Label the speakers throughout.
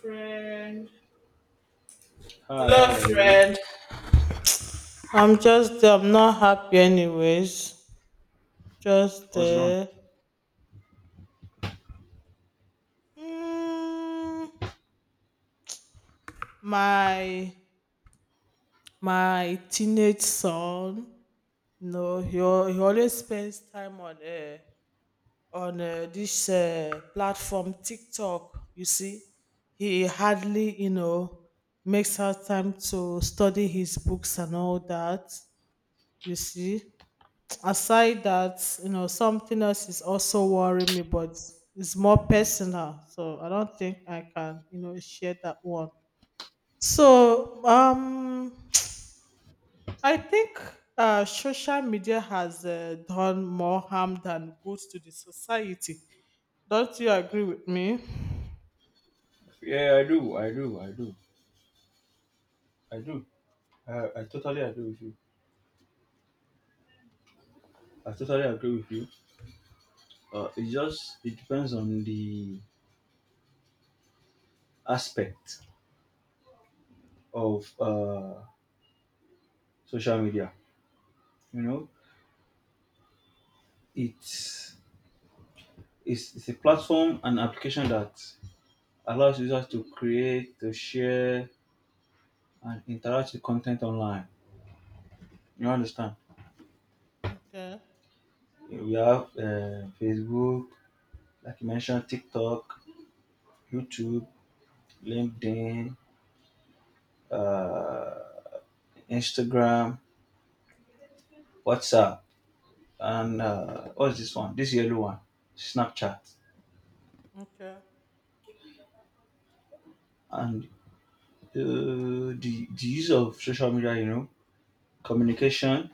Speaker 1: Friend.
Speaker 2: Hi,
Speaker 1: Hello,
Speaker 2: how are you?
Speaker 1: friend. I'm not happy, anyways. Just,
Speaker 2: What's wrong?
Speaker 1: mm, my my teenage son. No, he, he always spends time on this platform TikTok. You see, he hardly, you know, makes out time to study his books and all that. You see. Aside that, you know, something else is also worrying me, but it's more personal, so I don't think I can, you know, share that one. So I think social media has done more harm than good to the society. Don't you agree with me?
Speaker 2: Yeah, I do. I totally agree with you. I totally agree with you. It just it depends on the aspect of social media. You know, it's it's a platform and application that allows users to create, to share, and interact with content online. You understand?
Speaker 1: Okay,
Speaker 2: We have Facebook, like you mentioned, TikTok, YouTube, LinkedIn, uh, Instagram, WhatsApp, and what's this one? This yellow one, Snapchat,
Speaker 1: okay,
Speaker 2: and the use of social media. Communication.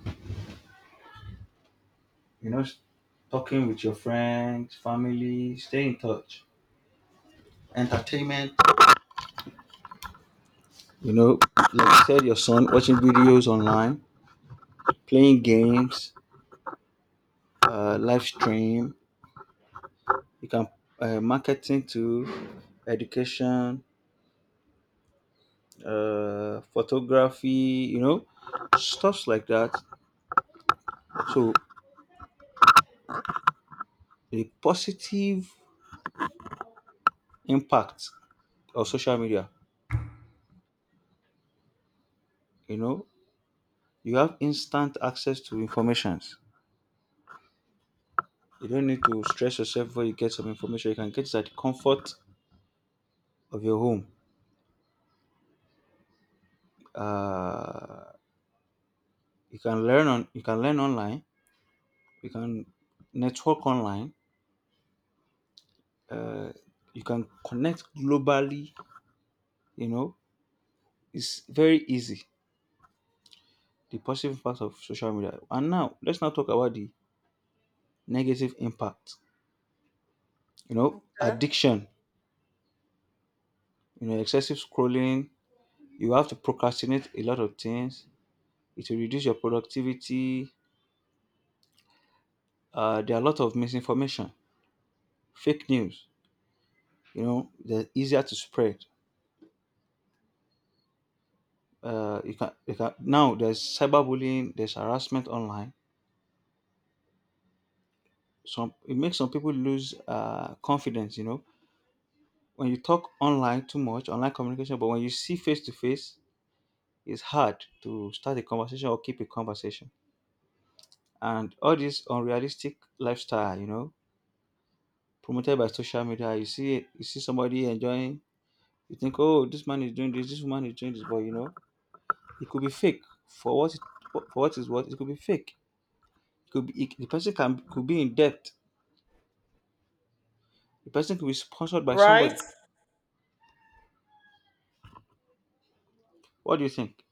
Speaker 2: You know, s- Talking with your friends, family, stay in touch. Entertainment. You know, like you said, your son watching videos online, playing games, live stream. You can marketing to education photography, you know, stuffs like that. So the positive impact of social media, you know, you have instant access to informations. You don't need to stress yourself before you get some information. You can get it at the comfort of your home. Uh, you can learn online. You can network online. Uh, you can connect globally. You know, it's very easy. The positive impact of social media. And now let's now talk about the negative impact. You know,
Speaker 1: okay,
Speaker 2: addiction, you know, excessive scrolling, you have to procrastinate a lot of things. It will reduce your productivity. There are a lot of misinformation, fake news, you know, they're easier to spread. You can now there's cyberbullying, there's harassment online. Some it makes some people lose confidence, you know. When you talk online too much, online communication, but when you see face to face, it's hard to start a conversation or keep a conversation. And all this unrealistic lifestyle, you know, promoted by social media, you see somebody enjoying, you think, oh, this man is doing this, this woman is doing this, but you know, it could be fake. For what it, for what is what, it could be fake. It could be it, the person can could be in debt. The person could be sponsored by
Speaker 1: right,
Speaker 2: somebody. What do you think?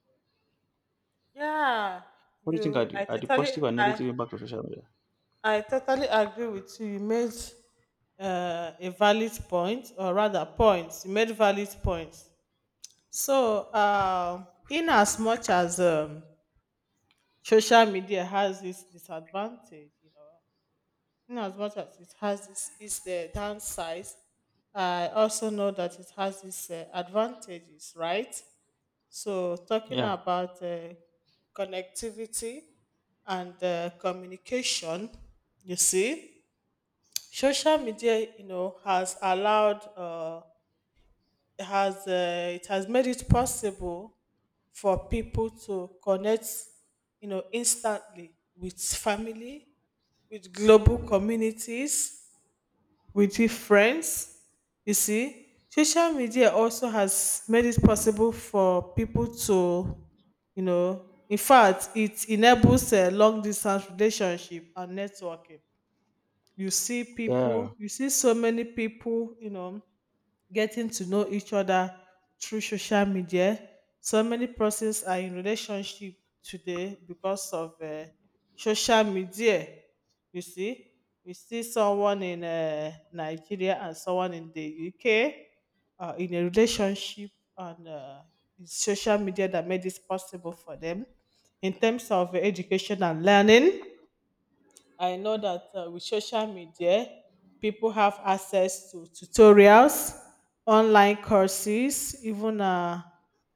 Speaker 1: yeah.
Speaker 2: What do you think are
Speaker 1: you i
Speaker 2: the
Speaker 1: totally
Speaker 2: positive and
Speaker 1: i
Speaker 2: negative impact of social media?
Speaker 1: i totally agree with you. You made a valid point, or rather, points. You made valid points. So, in as much as social media has its disadvantage, you know, in as much as it has its downsides, I also know that it has its advantages, right? So, talking
Speaker 2: Yeah,
Speaker 1: about connectivity and communication, you see. Social media, you know, has allowed, it has made it possible for people to connect, you know, instantly with family, with global communities, with your friends. You see, social media also has made it possible for people to, you know, in fact, it enables a long distance relationship and networking. You see people,
Speaker 2: yeah,
Speaker 1: you see so many people, you know, getting to know each other through social media. So many persons are in relationship today because of social media. You see, you see someone in Nigeria and someone in the UK, in a relationship, and it's social media that made this possible for them. In terms of education and learning, I know that, with social media, people have access to tutorials, online courses, even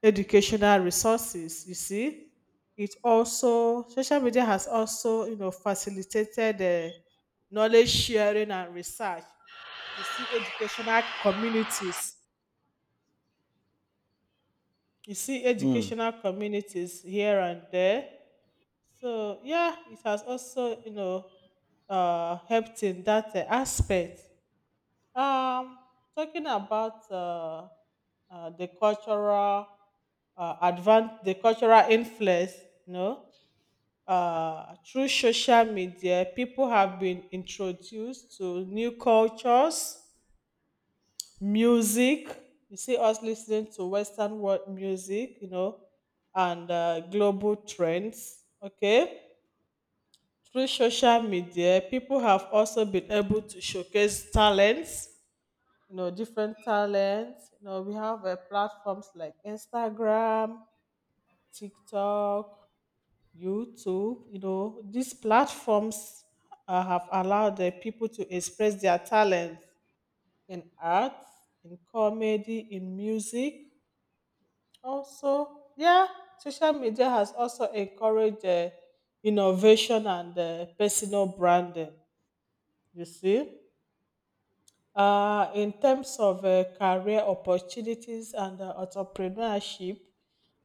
Speaker 1: educational resources. You see, it also social media has also, you know, facilitated knowledge sharing and research. You see, educational communities. You see,
Speaker 2: mm,
Speaker 1: educational communities here and there. So yeah, it has also, you know, helped in that aspect. Um, Talking about the cultural the cultural influence, you know, through social media, people have been introduced to new cultures, music. You see us listening to Western world music, you know, and global trends. Okay, through social media, people have also been able to showcase talents, you know, different talents. You know, we have platforms like Instagram, TikTok, YouTube. You know, these platforms have allowed the people to express their talents in art, in comedy, in music. Also, yeah, social media has also encouraged innovation and personal branding, you see. In terms of career opportunities and entrepreneurship,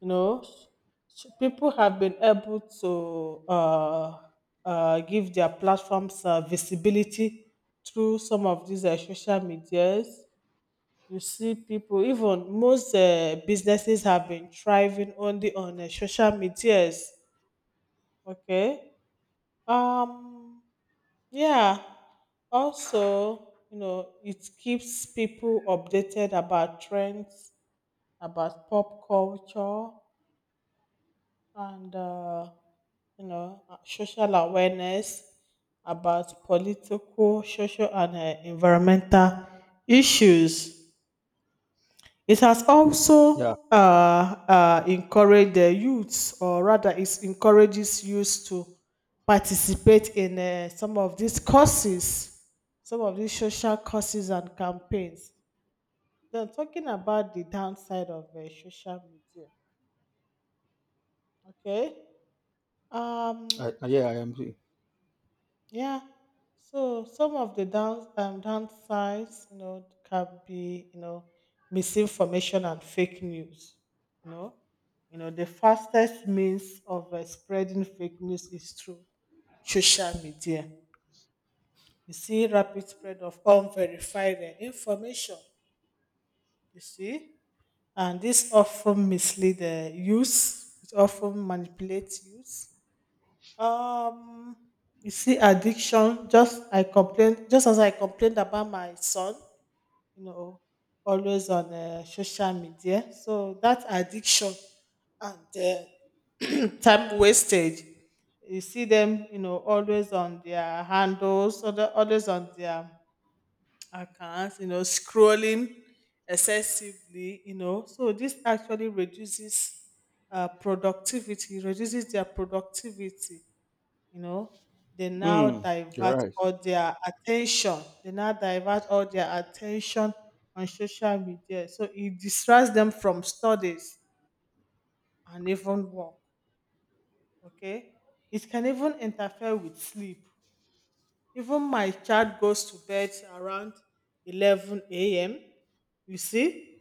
Speaker 1: you know, people have been able to give their platforms visibility through some of these social medias. You see people, even most businesses have been thriving only on social medias. Okay. Um, yeah. Also, you know, it keeps people updated about trends, about pop culture, and you know, social awareness about political, social, and environmental issues. It has
Speaker 2: yeah,
Speaker 1: also encouraged the youths, or rather, it encourages youths to participate in some of these courses, some of these social courses and campaigns. Then, talking about the downside of social media, okay? Um,
Speaker 2: yeah, I am.
Speaker 1: Yeah. So some of the downsides, you know, can be, you know, misinformation and fake news. You know, you know, the fastest means of spreading fake news is through social media. You see, rapid spread of unverified information. You see, and this often mislead use. It often manipulates use. Um, you see, addiction. Just as I complained about my son, you know, always on social media. So that addiction and time wastage. You see them, you know, always on their handles, always on their accounts, you know, scrolling excessively, you know. So this actually reduces reduces their productivity, you know.
Speaker 2: Mm, you're right.
Speaker 1: They now divert all their attention on social media, so it distracts them from studies and even work. Okay, it can even interfere with sleep. Even my child goes to bed around 11 a.m., you see,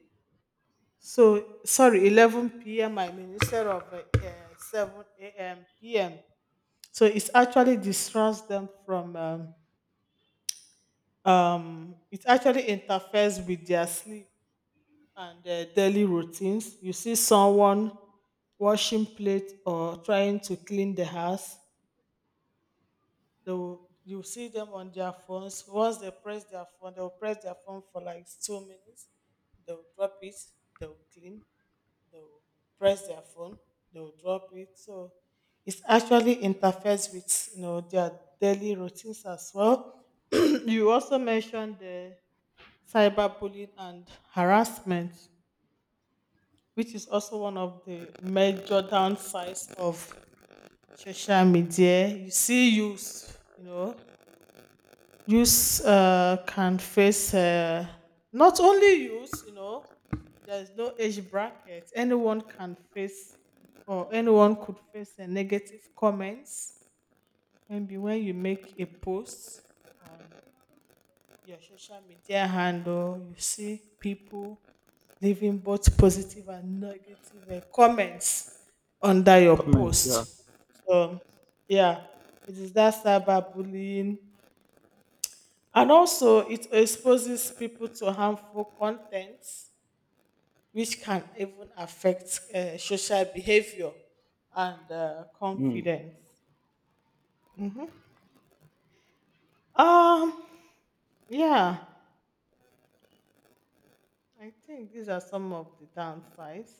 Speaker 1: so sorry, 11 p.m., I mean, instead of 7 a.m. p.m so it actually distracts them from it actually interferes with their sleep and their daily routines. You see someone washing plate or trying to clean the house. They will, you see them on their phones. Once they press their phone, they'll press their phone for like 2 minutes. They'll drop it. They'll clean. They'll press their phone. They'll drop it. So it actually interferes with, you know, their daily routines as well. You also mentioned the cyberbullying and harassment, which is also one of the major downsides of social media. You see, youths, you know, youths can face, not only youths, you know, there's no age bracket. Anyone can face, or anyone could face, a negative comments. Maybe when you make a post on your social media handle, you see people leaving both positive and negative comments under your
Speaker 2: Comment, yeah.
Speaker 1: post. So, yeah, it is that cyberbullying. And also, it exposes people to harmful content, which can even affect social behavior and
Speaker 2: Mm.
Speaker 1: confidence. Mhm. Um, yeah. I think these are some of the downsides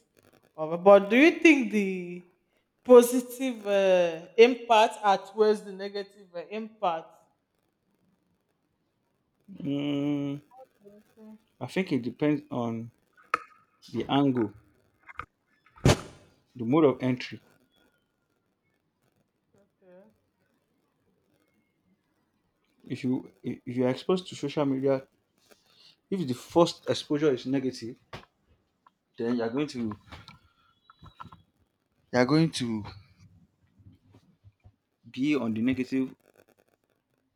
Speaker 1: of it. But do you think the positive impact outweighs the negative impact?
Speaker 2: Mm,
Speaker 1: Okay,
Speaker 2: I think it depends on the angle, the mode of entry.
Speaker 1: okay,
Speaker 2: If you are exposed to social media, if the first exposure is negative, then you are going to be on the negative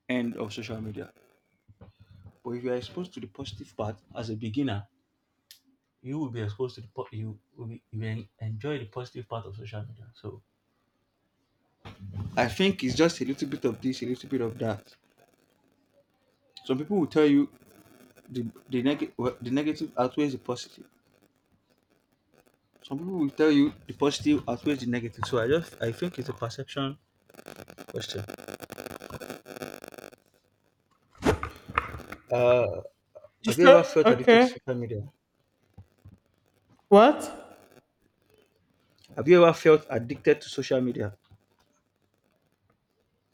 Speaker 2: end of social media. But if you are exposed to the positive part as a beginner, you will enjoy the positive part of social media. So I
Speaker 1: okay.
Speaker 2: think it's just a little bit of this, a little bit of that. Some people will tell you the the negative outweighs the positive. Some people will tell you the positive outweighs the negative. So I think it's a perception question. Uh,
Speaker 1: You
Speaker 2: have you ever
Speaker 1: feel-
Speaker 2: felt addicted to
Speaker 1: okay.
Speaker 2: social media?
Speaker 1: What?
Speaker 2: Have you ever felt addicted to social media?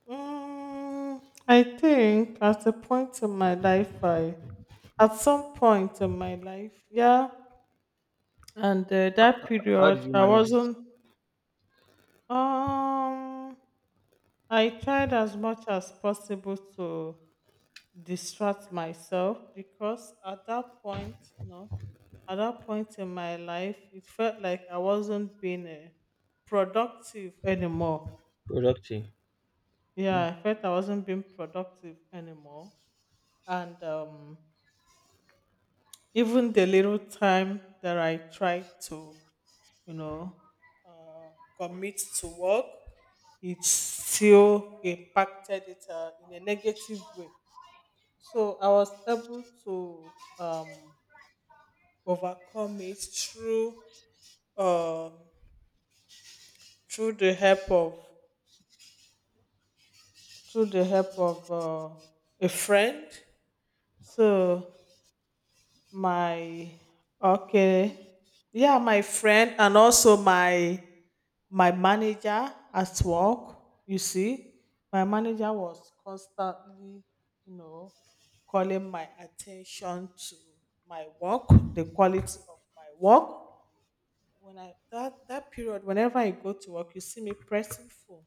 Speaker 1: Mm, I think at some point in my life, yeah, and that
Speaker 2: How did
Speaker 1: period,
Speaker 2: you
Speaker 1: I
Speaker 2: manage it?
Speaker 1: wasn't. Um, I tried as much as possible to distract myself because at that point, you know, at that point in my life, it felt like I wasn't being productive anymore.
Speaker 2: Productive. Hmm.
Speaker 1: Yeah, I felt I wasn't being productive anymore. And even the little time that I tried to, you know, uh, commit to work, it still impacted it in a negative way. So I was able to um, overcome it through uh, through the help of through the help of a friend. So my okay, yeah, my friend and also my manager at work. You see, my manager was constantly, you know, calling my attention to my work, the quality of my work, when I that that period, whenever I go to work, you see me pressing phone.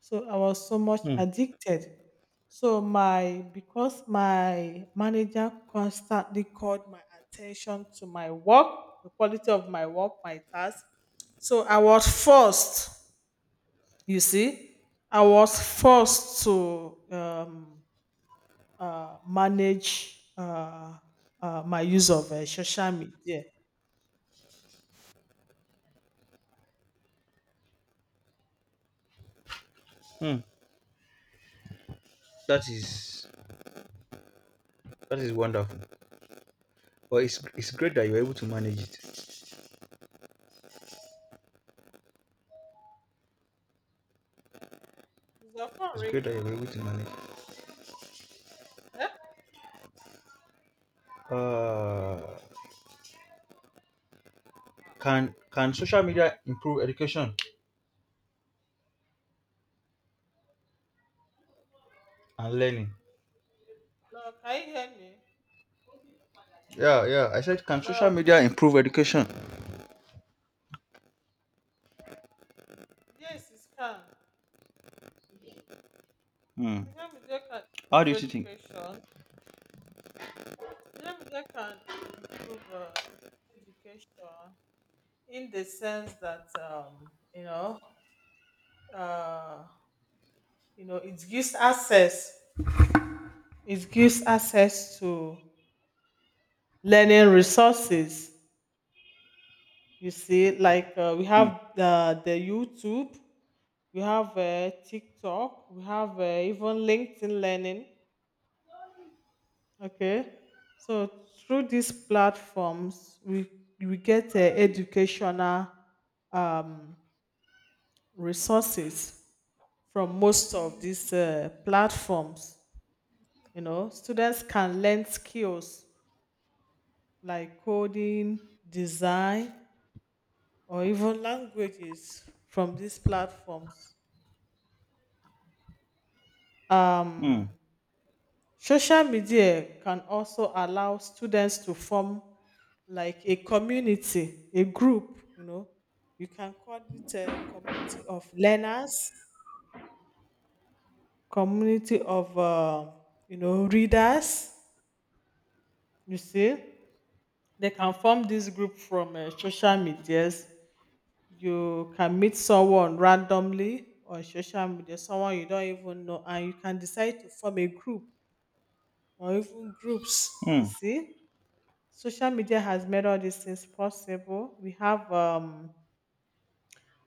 Speaker 1: So I was so much
Speaker 2: Hmm.
Speaker 1: addicted. So my because my manager constantly called my attention to my work, the quality of my work, my task. So I was forced. You see, I was forced to manage my use of social media.
Speaker 2: Hmm. That is that is wonderful. But it's great that you're able to manage it.
Speaker 1: Is your phone
Speaker 2: It's great that
Speaker 1: ringing?
Speaker 2: you're able to manage it.
Speaker 1: Yeah?
Speaker 2: Uh,
Speaker 1: Ah,
Speaker 2: can social
Speaker 1: hello?
Speaker 2: media improve education and learning?
Speaker 1: Hello, can you hear me?
Speaker 2: Yeah, yeah. I said, can social
Speaker 1: Hello.
Speaker 2: media improve education?
Speaker 1: Yes, it can.
Speaker 2: Hmm.
Speaker 1: Social media can
Speaker 2: How do you
Speaker 1: improve
Speaker 2: think?
Speaker 1: education. Social media can improve education in the sense that uh, you know, it gives access. It gives access to learning resources. You see, like we have
Speaker 2: Hmm.
Speaker 1: the YouTube, we have TikTok, we have even LinkedIn Learning. Okay. So through these platforms, we get educational um, resources from most of these platforms. You know, students can learn skills like coding, design, or even languages from these platforms.
Speaker 2: Hmm.
Speaker 1: Um, Social media can also allow students to form like a community, a group, you know. You can call it a community of learners, community of, you know, readers. You see, they can form this group from social medias. You can meet someone randomly on social media, someone you don't even know, and you can decide to form a group or even groups. You
Speaker 2: Hmm.
Speaker 1: see, social media has made all these things possible. We have um,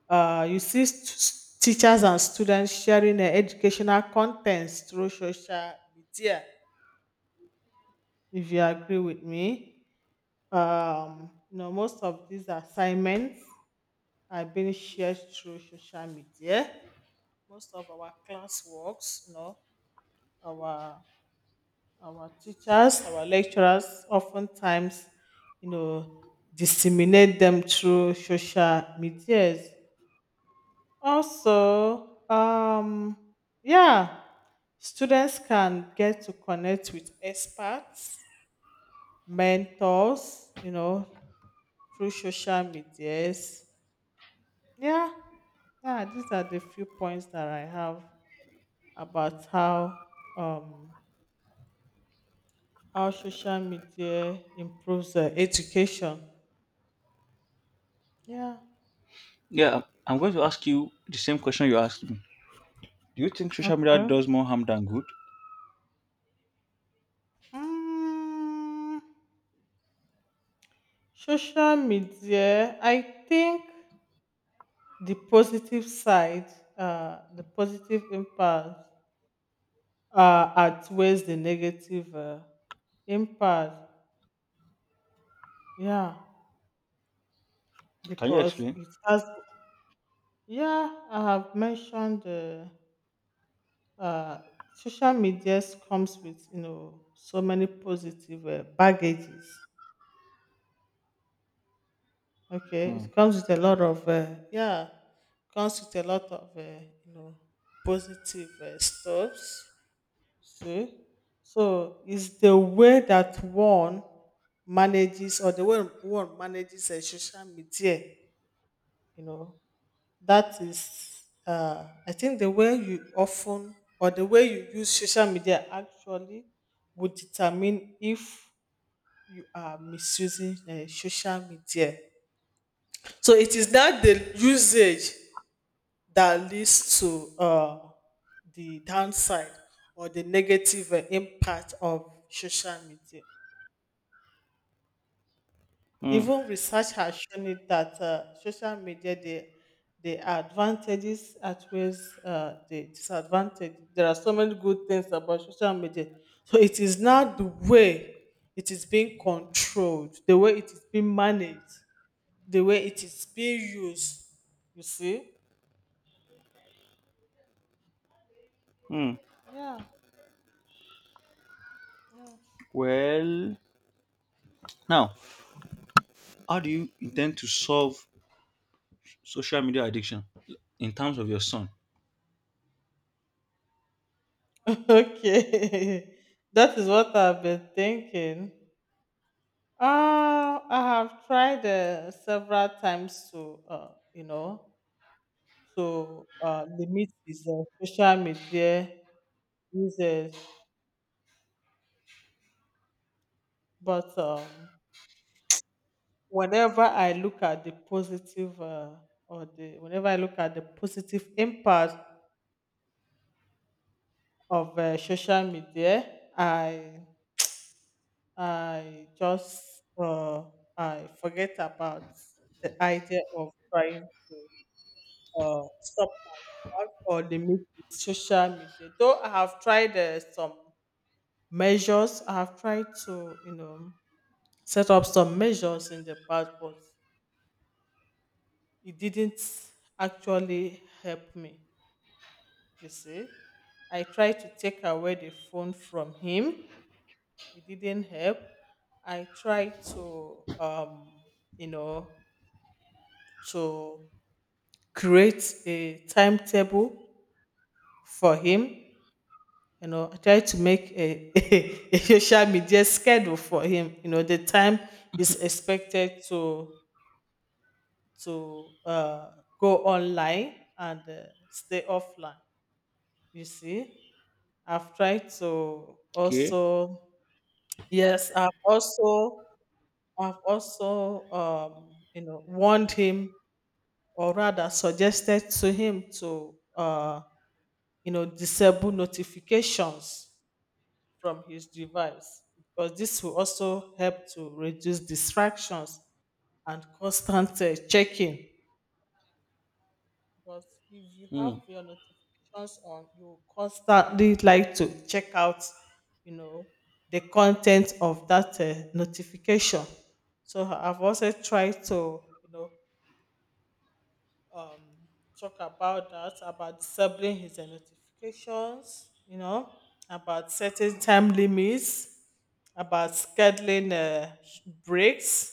Speaker 1: Uh, you see teachers and students sharing their educational contents through social media. If you agree with me, you know, most of these assignments are being shared through social media. Most of our classworks, you know, our our teachers, our lecturers, oftentimes, you know, disseminate them through social media. Also, yeah, students can get to connect with experts, mentors, you know, through social medias. Yeah, yeah, these are the few points that I have about um how social media improves education. Yeah.
Speaker 2: Yeah, I'm going to ask you the same question you asked me. Do you think social media
Speaker 1: Okay.
Speaker 2: does more harm than good?
Speaker 1: Mm, social media, I think. The positive side, the positive impact outweighs the negative impact. Yeah,
Speaker 2: Can you
Speaker 1: because
Speaker 2: explain?
Speaker 1: it has. Yeah, I have mentioned uh, social media comes with, you know, so many positive baggages. Okay,
Speaker 2: Hmm.
Speaker 1: it comes with a lot of yeah, comes with a lot of you know, positive stuffs. See? So it's the way that one manages or the way one manages a social media, you know, that is I think the way you often or the way you use social media actually would determine if you are misusing social media. So it is not the usage that leads to the downside or the negative impact of social media.
Speaker 2: Hmm.
Speaker 1: Even research has shown it that social media, the advantages outweighs the disadvantage. There are so many good things about social media. So it is not the way it is being controlled, the way it is being managed, the way it is being used. You see?
Speaker 2: Hmm.
Speaker 1: Yeah. Mm.
Speaker 2: Well, now, how do you intend to solve social media addiction in terms of your son?
Speaker 1: Okay, that is what I've been thinking. I have tried several times to, you know, to limit his social media uses. But whenever I look at the positive, or the whenever I look at the positive impact of social media, I I just uh, I forget about the idea of trying to stop myself or limit social media. Though I have tried some measures, I have tried to you know set up some measures in the past, but it didn't actually help me. You see, I tried to take away the phone from him. It didn't help. I tried to you know to create a timetable for him. You know, I try to make a, a social media schedule for him. You know, the time he's expected to to uh, go online and stay offline. You see, I've tried to
Speaker 2: Okay.
Speaker 1: also yes, I've also you know warned him or rather suggested to him to. You know disable notifications from his device because this will also help to reduce distractions and constant checking because if you have
Speaker 2: Hmm.
Speaker 1: your notifications on you constantly like to check out you know the content of that notification. So I've also tried to you know um talk about that, about disabling his notifications, you know, about setting time limits, about scheduling breaks,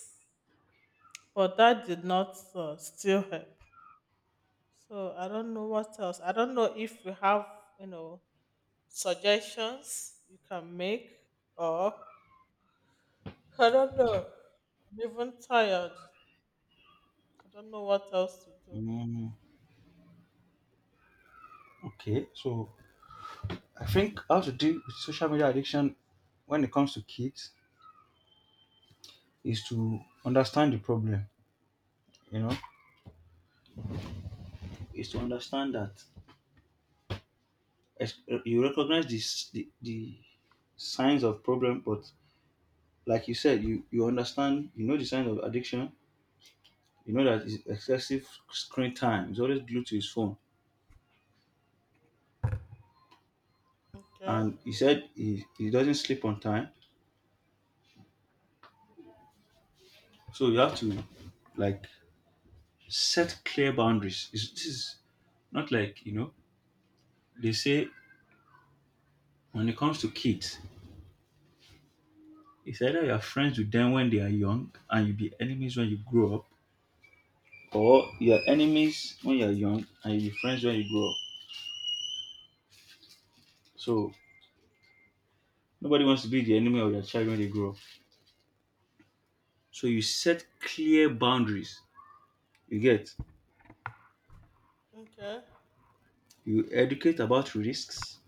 Speaker 1: but that did not still help. So I don't know what else. I don't know if you have you know suggestions you can make, or I don't know. I'm even tired. I don't know what else to do.
Speaker 2: Hmm. Okay. So I think how to deal with social media addiction when it comes to kids is to understand the problem. You know, is to understand that you recognize the signs of problem, but like you said, you understand, you know, the signs of addiction. You know that it's excessive screen time, he's always glued to his phone,
Speaker 1: Okay.
Speaker 2: and he said he doesn't sleep on time. So you have to, like, set clear boundaries. This is not like, you know, they say, when it comes to kids, it's either you're friends with them when they are young and you be enemies when you grow up, or you're enemies when you're young and you be friends when you grow up. So nobody wants to be the enemy of their child when they grow up. So you set clear boundaries. You get
Speaker 1: Okay.
Speaker 2: you educate about risks.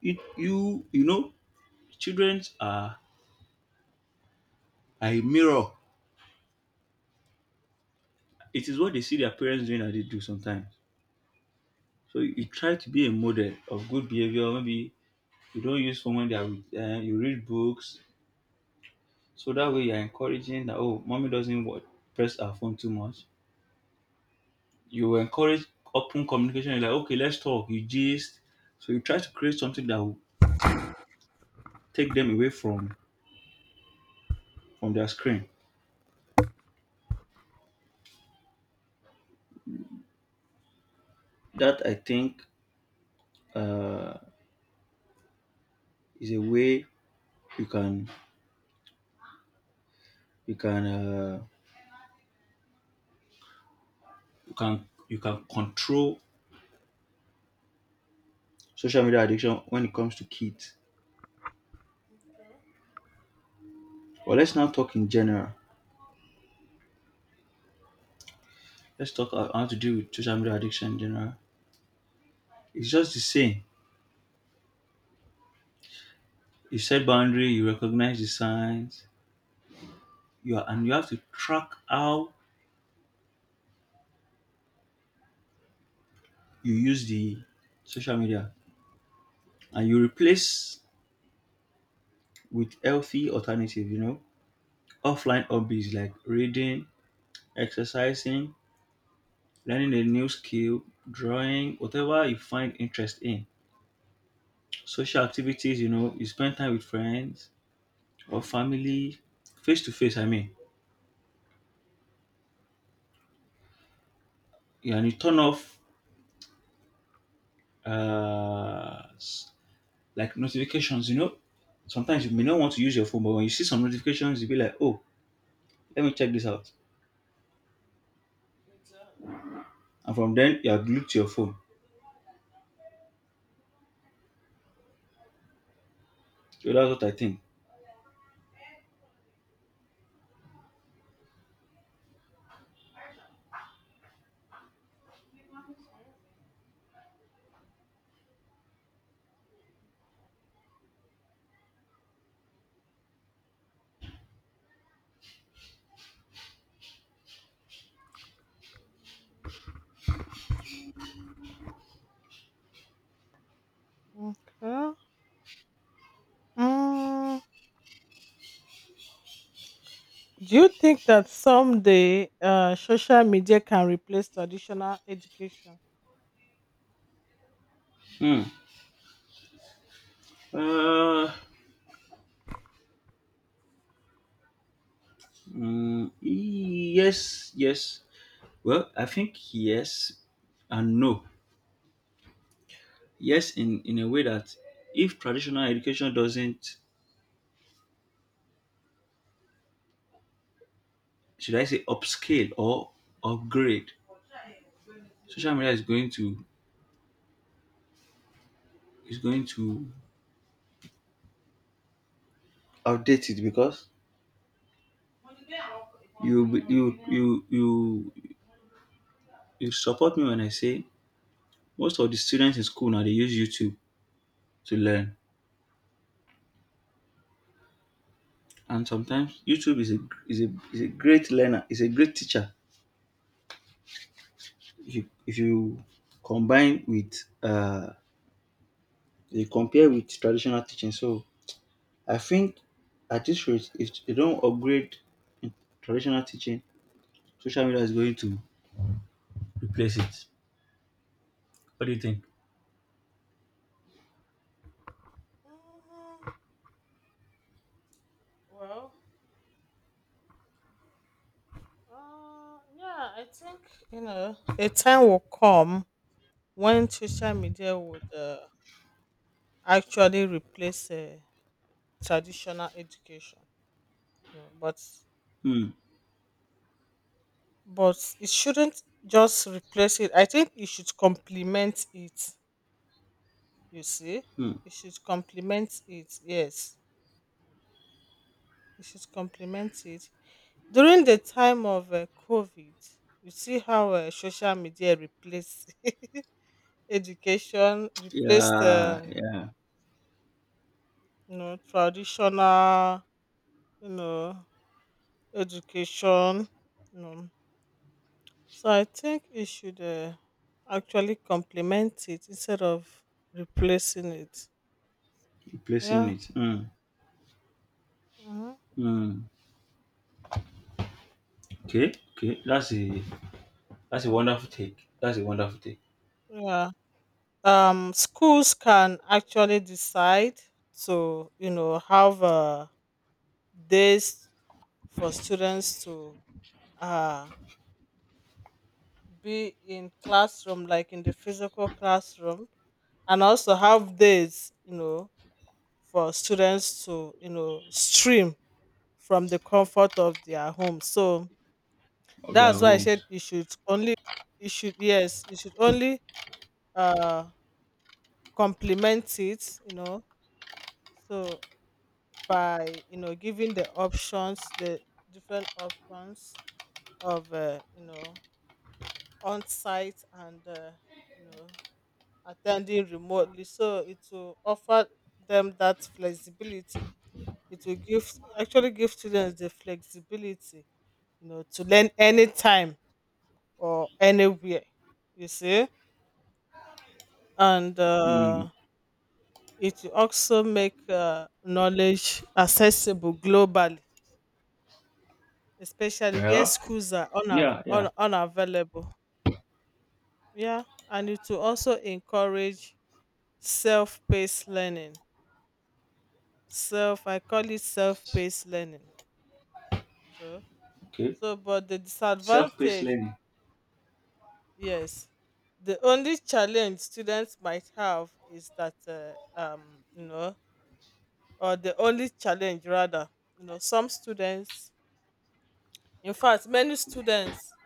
Speaker 2: You know children are a mirror. It is what they see their parents doing that they do sometimes. So you try to be a model of good behavior. Maybe you don't use phone when they are with them. You read books. So that way you're encouraging that, oh, mommy doesn't press her phone too much. You encourage open communication. You're like, okay, let's talk. You gist. So you try to create something that will take them away from their screen. That I think uh, is a way you can you can you can you can control social media addiction when it comes to kids.
Speaker 1: Okay.
Speaker 2: But let's now talk in general. Let's talk about how to deal with social media addiction in general. It's just the same. You set boundary. You recognize the signs. And you have to track how you use the social media, and you replace with healthy alternative, you know, offline hobbies like reading, exercising, learning a new skill, drawing, whatever you find interest in. Social activities, you know, you spend time with friends or family, face to face, I mean. Yeah, and you turn off uh, s- like notifications, you know. Sometimes you may not want to use your phone, but when you see some notifications, you'll be like, oh, let me check this out.
Speaker 1: Exactly.
Speaker 2: And from then, you are glued to your phone. So that's what I think.
Speaker 1: Okay. Mm, do you think that someday social media can replace traditional education?
Speaker 2: Hmm. Uh, mm, yes, yes. Well, I think yes and no. Yes, in a way that if traditional education doesn't, should I say, upscale or upgrade, social media is going to is going to outdate it, because you you you you you support me when I say most of the students in school now they use YouTube to learn, and sometimes YouTube is a great learner, is a great teacher. If you combine with uh, you compare with traditional teaching. So I think at this rate, if they don't upgrade in traditional teaching, social media is going to replace it. What do you think?
Speaker 1: Mm, well, yeah, I think you know a time will come when social media would actually replace traditional education. You know,
Speaker 2: Hmm.
Speaker 1: but it shouldn't just replace it. I think it should complement it. You see,
Speaker 2: Mm.
Speaker 1: it should complement it. Yes. You should complement it. During the time of COVID, you see how social media replaced education, replaced
Speaker 2: Yeah, yeah.
Speaker 1: you know traditional you know education. You know. So I think you should actually complement it instead of replacing it.
Speaker 2: Replacing
Speaker 1: Yeah.
Speaker 2: it. Hmm.
Speaker 1: Hmm.
Speaker 2: Hmm. Okay, okay. That's a wonderful take. That's a wonderful take
Speaker 1: Yeah. Schools can actually decide to you know have a days for students to uh, be in classroom like in the physical classroom, and also have days you know for students to you know stream from the comfort of their home. So
Speaker 2: of their
Speaker 1: that's why I said
Speaker 2: homes.
Speaker 1: you should only you should yes you should only uh complement it, you know. So by you know giving the options the different options of you know on site and you know attending remotely, so it will offer them that flexibility. It will give actually give students the flexibility you know to learn anytime or anywhere, you see. And
Speaker 2: Hmm.
Speaker 1: it will also make knowledge accessible globally, especially where
Speaker 2: Yeah,
Speaker 1: schools are
Speaker 2: yeah, yeah.
Speaker 1: unavailable. Yeah. And it will also encourage self-paced learning. Self, I call it self-paced learning. So
Speaker 2: Okay.
Speaker 1: so but the
Speaker 2: Self-paced
Speaker 1: disadvantage.
Speaker 2: learning.
Speaker 1: Yes, the only challenge students might have is that you know, or the only challenge rather, you know, some students, in fact many students,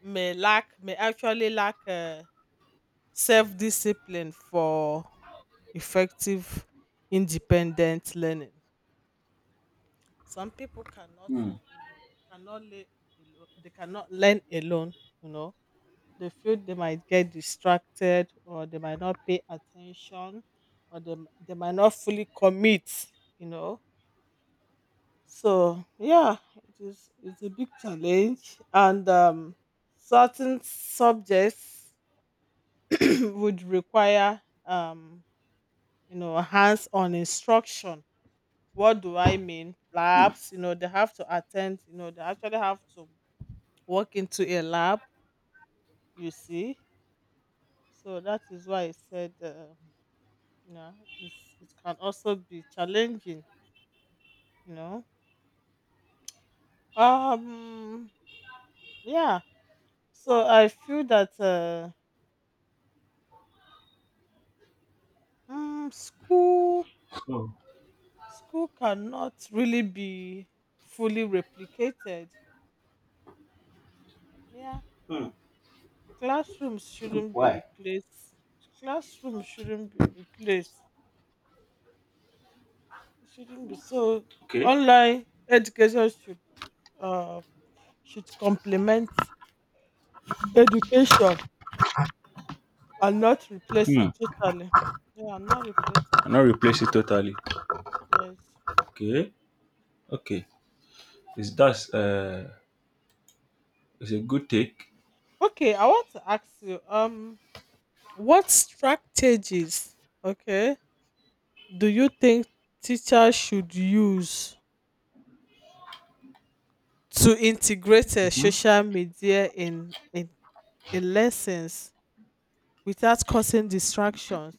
Speaker 1: may lack may actually lack self-discipline for effective independent learning. Some people cannot
Speaker 2: Hmm.
Speaker 1: you know cannot lay they cannot learn alone, you know. They feel they might get distracted or they might not pay attention, or they might not fully commit, you know. So yeah, it is it's a big challenge. And certain subjects would require you know hands-on instruction. What do I mean?
Speaker 2: Mm.
Speaker 1: Labs, you know, they have to attend, you know, they actually have to walk into a lab, you see. So that is why I said, you know, it's, it can also be challenging, you know. Um, yeah. So I feel that mm, school
Speaker 2: So,
Speaker 1: school cannot really be fully replicated. Yeah,
Speaker 2: mm.
Speaker 1: classrooms shouldn't be
Speaker 2: Why?
Speaker 1: replaced. Classrooms shouldn't be replaced. It shouldn't be so.
Speaker 2: Okay.
Speaker 1: Online education uh should complement education and not replace it
Speaker 2: Hmm.
Speaker 1: totally. Yeah, not replace it.
Speaker 2: And not replace it totally.
Speaker 1: Yes.
Speaker 2: Okay. Okay. Is that's it's a good take.
Speaker 1: Okay, I want to ask you, what strategies, okay, do you think teachers should use to integrate
Speaker 2: Mhm.
Speaker 1: social media in lessons without causing distractions?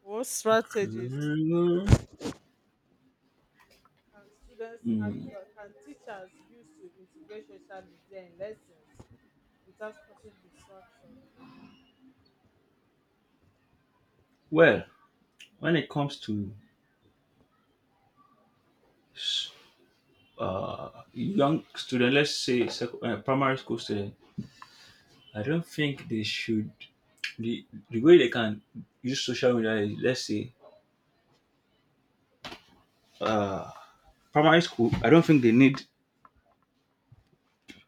Speaker 1: What strategies can students
Speaker 2: Mm,
Speaker 1: actually can teachers use to integrate social media in lessons without causing distractions?
Speaker 2: well, when it comes to young student, let's say primary school student, I don't think they should. The way they can use social media is, let's say, uh, primary school, I don't think they need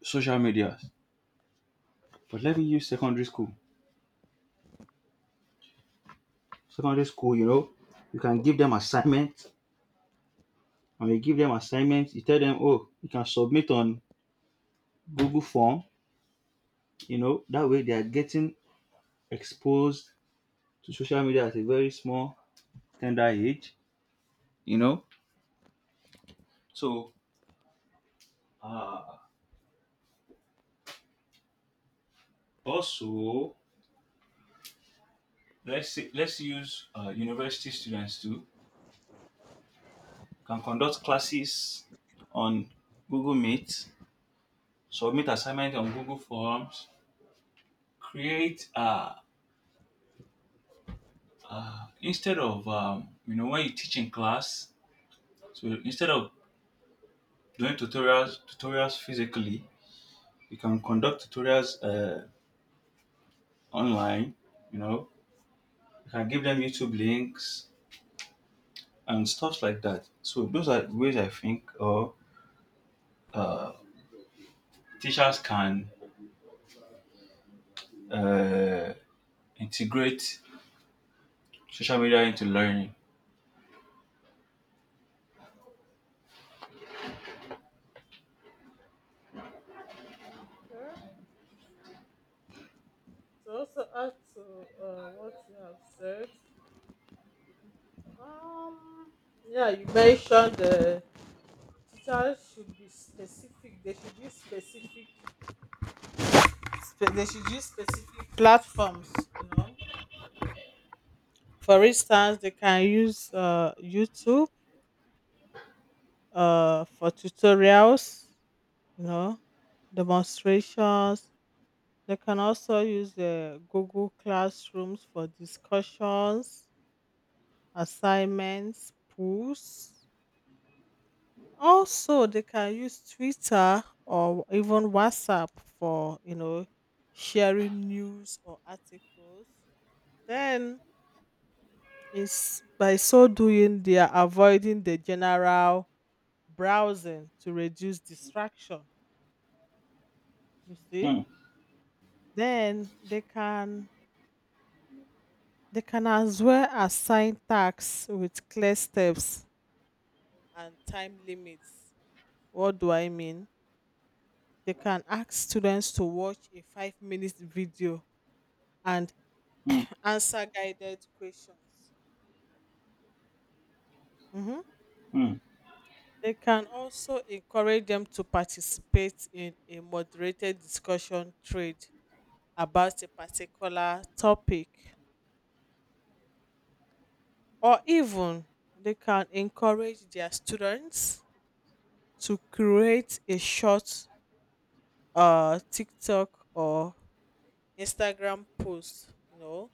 Speaker 2: social media. But let me use secondary school. Secondary school, you know, you can give them assignment. And you give them assignments. You tell them, oh, you can submit on Google form. You know, that way they are getting exposed to social media at a very small, tender age. You know, so uh, also, let's say, let's use university students too. Can conduct classes on Google Meet, submit assignment on Google Forms, create instead of you know, when you teach in class, so instead of doing tutorials physically. You can conduct tutorials online. You know, you can give them YouTube links and stuff like that. So those are ways I think, or teachers can uh, integrate social media into learning.
Speaker 1: Okay. To also add to what you have said, um, yeah, you mentioned the teachers should be specific. They should use specific. They should use specific platforms. You know, for instance, they can use YouTube for tutorials. You know, demonstrations. They can also use the Google Classrooms for discussions, assignments, pools. Also, they can use Twitter or even WhatsApp for, you know, sharing news or articles. Then is by so doing they are avoiding the general browsing to reduce distraction. You see?
Speaker 2: Hmm,
Speaker 1: Then they can as well assign tasks with clear steps and time limits. What do I mean? They can ask students to watch a 5-minute video and
Speaker 2: hmm,
Speaker 1: answer guided questions. Mm-hmm.
Speaker 2: hmm,
Speaker 1: They can also encourage them to participate in a moderated discussion trade about a particular topic, or even they can encourage their students to create a short TikTok or Instagram post, you know,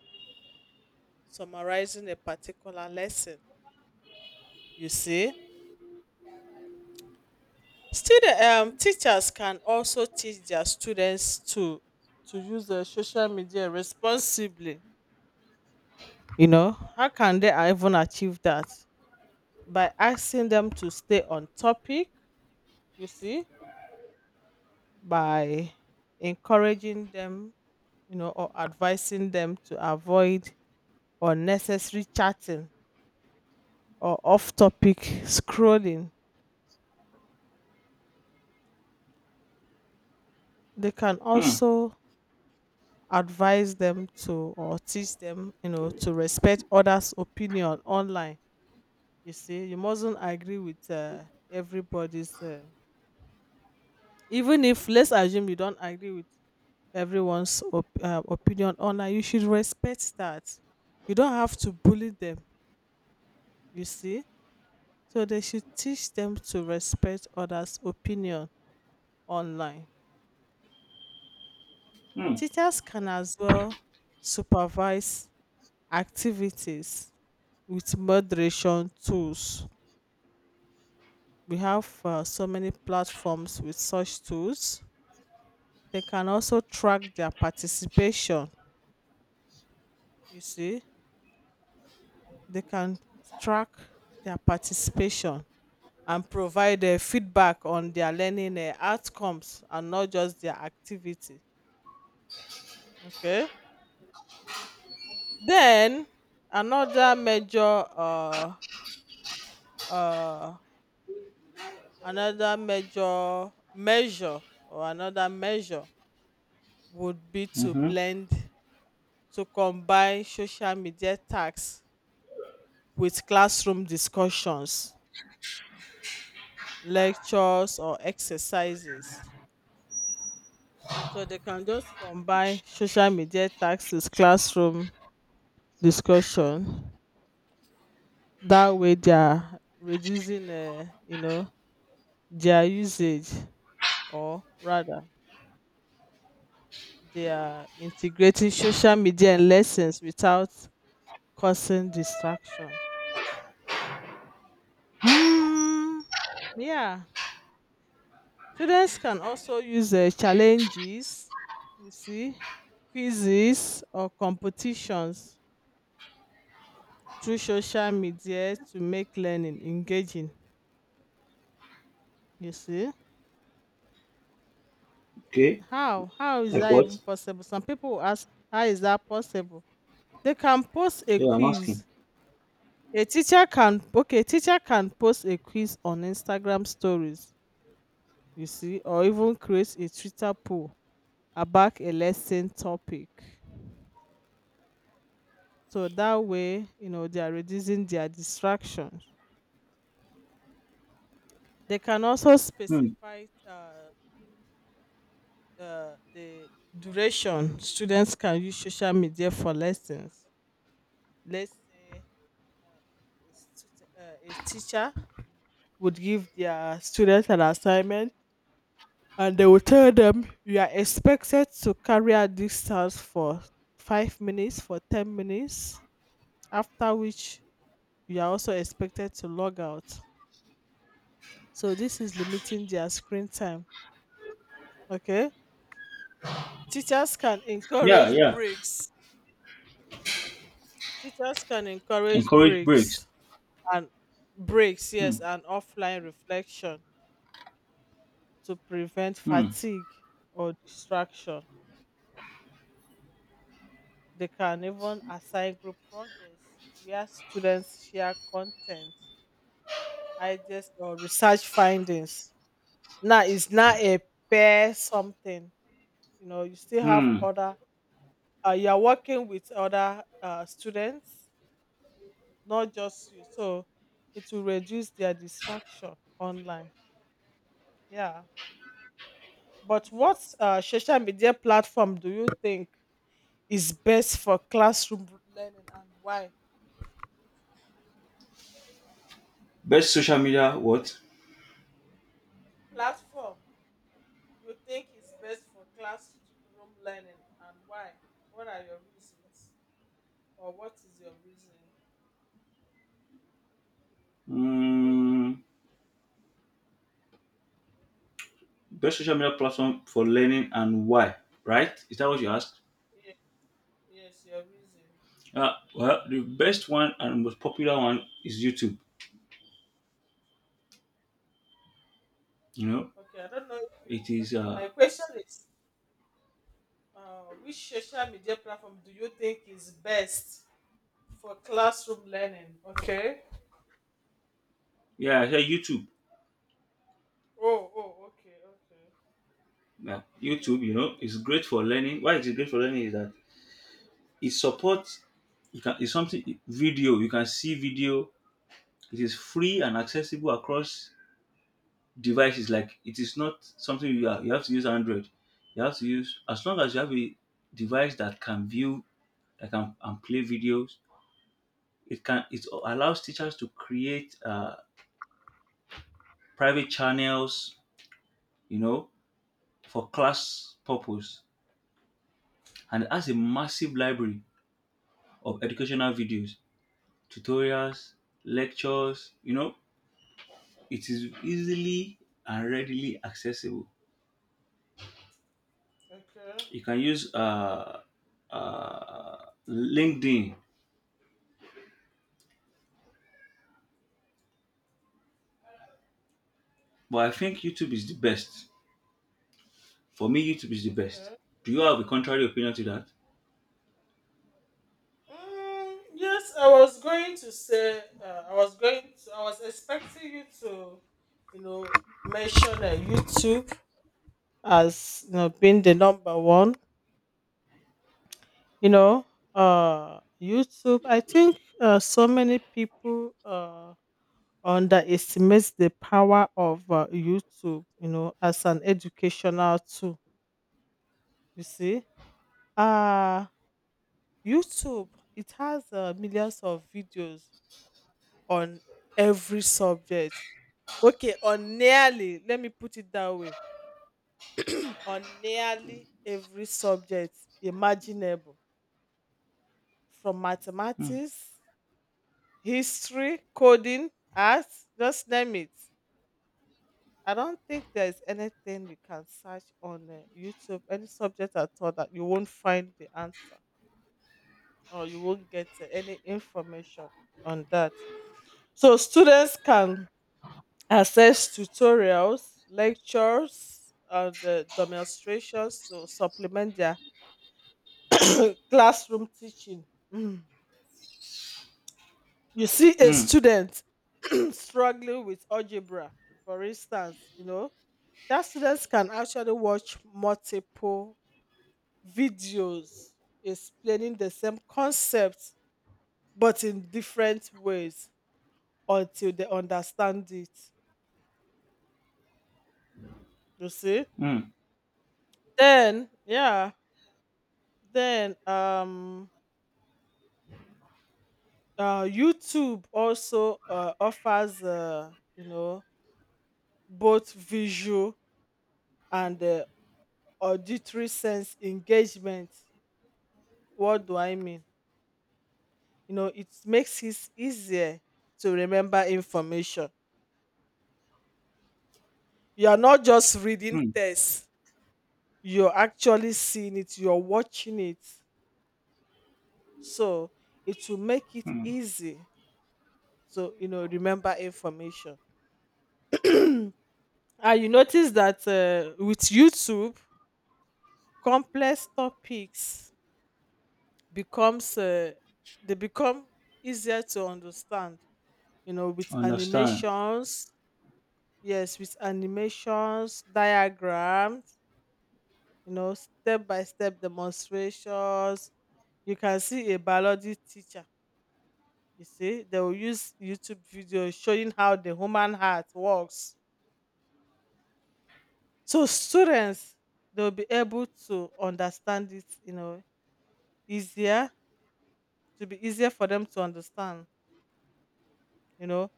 Speaker 1: summarizing a particular lesson. You see? Student teachers can also teach their students to use the social media responsibly. You know, how can they even achieve that? By asking them to stay on topic, you see, by encouraging them, you know, or advising them to avoid unnecessary chatting or off topic scrolling. They can
Speaker 2: hmm,
Speaker 1: also advise them to or teach them you know to respect others opinion online. You see, you mustn't agree with everybody's even if let's assume you don't agree with everyone's opinion online, you should respect that. You don't have to bully them, you see. So they should teach them to respect others opinion online.
Speaker 2: hmm.
Speaker 1: Teachers can as well supervise activities with moderation tools. We have so many platforms with such tools. They can also track their participation. You see, they can track their participation and provide feedback on their learning outcomes and not just their activity. Okay. Then another major, uh, uh, another major measure or another measure would be to
Speaker 2: Mhm.
Speaker 1: blend to combine social media tasks with classroom discussions, lectures, or exercises. So they can just combine social media tasks with classroom discussion. That way, they are reducing, you know, their usage, or rather, they are integrating social media and lessons without causing distraction. Mm, yeah. Students can also use challenges, you see, quizzes or competitions through social media to make learning engaging. You see,
Speaker 2: Okay,
Speaker 1: how is
Speaker 2: like
Speaker 1: that even
Speaker 2: what?
Speaker 1: possible? Some people will ask, how is that possible? They can post a
Speaker 2: Yeah, I'm asking.
Speaker 1: quiz. A teacher can okay, teacher can post a quiz on Instagram stories. You see, or even create a Twitter poll about a lesson topic. So that way, you know, they are reducing their distractions. They can also
Speaker 2: Hmm.
Speaker 1: specify the duration students can use social media for lessons. Let's say a teacher would give their students an assignment and they will tell them you are expected to carry out this task for 5 minutes, for 10 minutes, after which you are also expected to log out. So this is limiting their screen time. Okay. Teachers can
Speaker 2: Yeah,
Speaker 1: encourage
Speaker 2: yeah.
Speaker 1: breaks. Teachers can encourage
Speaker 2: Encourage breaks.
Speaker 1: breaks and breaks,
Speaker 2: Hmm,
Speaker 1: yes, and offline reflection to prevent
Speaker 2: hmm,
Speaker 1: fatigue or distraction. They can even assign group projects where students share content, ideas, or research findings. Now it's not a pair something. You know, you still have
Speaker 2: hmm.
Speaker 1: other you are working with other students, not just you. So it will reduce their distraction online. Yeah. But what social media platform do you think is best for classroom learning and why?
Speaker 2: Best social media what?
Speaker 1: Platform you think is best for classroom learning and why? What are your reasons? Or what is your reason?
Speaker 2: Hmm. Best social media platform for learning and why, right? Is that what you asked?
Speaker 1: Yes, yes your reason.
Speaker 2: Well, the best one and most popular one is YouTube. You know,
Speaker 1: Okay, I don't know if you.
Speaker 2: it is,
Speaker 1: Okay, my question is which social media platform do you think is best for classroom learning. Okay.
Speaker 2: yeah, I said YouTube.
Speaker 1: Oh, oh, okay, okay,
Speaker 2: Yeah, YouTube,
Speaker 1: okay,
Speaker 2: you know, is great for learning. Why is it great for learning? Is that it supports, you can, it's something, video, you can see video. It is free and accessible across devices. Like, it is not something you have to use Android. You have to use, as long as you have a device that can view, that can and play videos. It can it allows teachers to create private channels, you know, for class purpose, and it has a massive library of educational videos, tutorials,
Speaker 1: yeah,
Speaker 2: lectures. You know, it is easily and readily accessible.
Speaker 1: okay,
Speaker 2: You can use uh, LinkedIn, but I think YouTube is the best. For me, YouTube is the best.
Speaker 1: okay.
Speaker 2: Do you have a contrary opinion to that?
Speaker 1: Mm, yes, I was going to say, I was expecting you to, you know, mention YouTube as, being the number one, you know, YouTube. I think so many people underestimate the power of YouTube, as an educational tool. You see, uh, YouTube, it has millions of videos on every subject. Okay, on nearly. Let me put it that way. On nearly every subject imaginable, from
Speaker 2: Hmm.
Speaker 1: mathematics, history, coding, art, just name it. I don't think there is anything you can search on YouTube, any subject at all, that you won't find the answer or you won't get any information on that. So students can access tutorials, lectures, and demonstrations to supplement their classroom teaching. Mm. You see, a
Speaker 2: Hmm.
Speaker 1: student struggling with algebra, for instance, that students can actually watch multiple videos explaining the same concept but in different ways until they understand it. You see?
Speaker 2: Hmm.
Speaker 1: Then, yeah. Then YouTube also offers both visual and auditory sense engagement. What do I mean? It makes it easier to remember information. You are not just reading
Speaker 2: Hmm.
Speaker 1: text, you're actually seeing it, you're watching it. So it will make it easy to remember information. And you notice that with YouTube, complex topics becomes they become easier to understand. With
Speaker 2: Understand.
Speaker 1: animations, yes, with animations, diagrams, step by step demonstrations. You can see a biology teacher. You see, they will use YouTube videos showing how the human heart works. So students, they'll be able to understand it, easier, to be easier for them to understand. You know,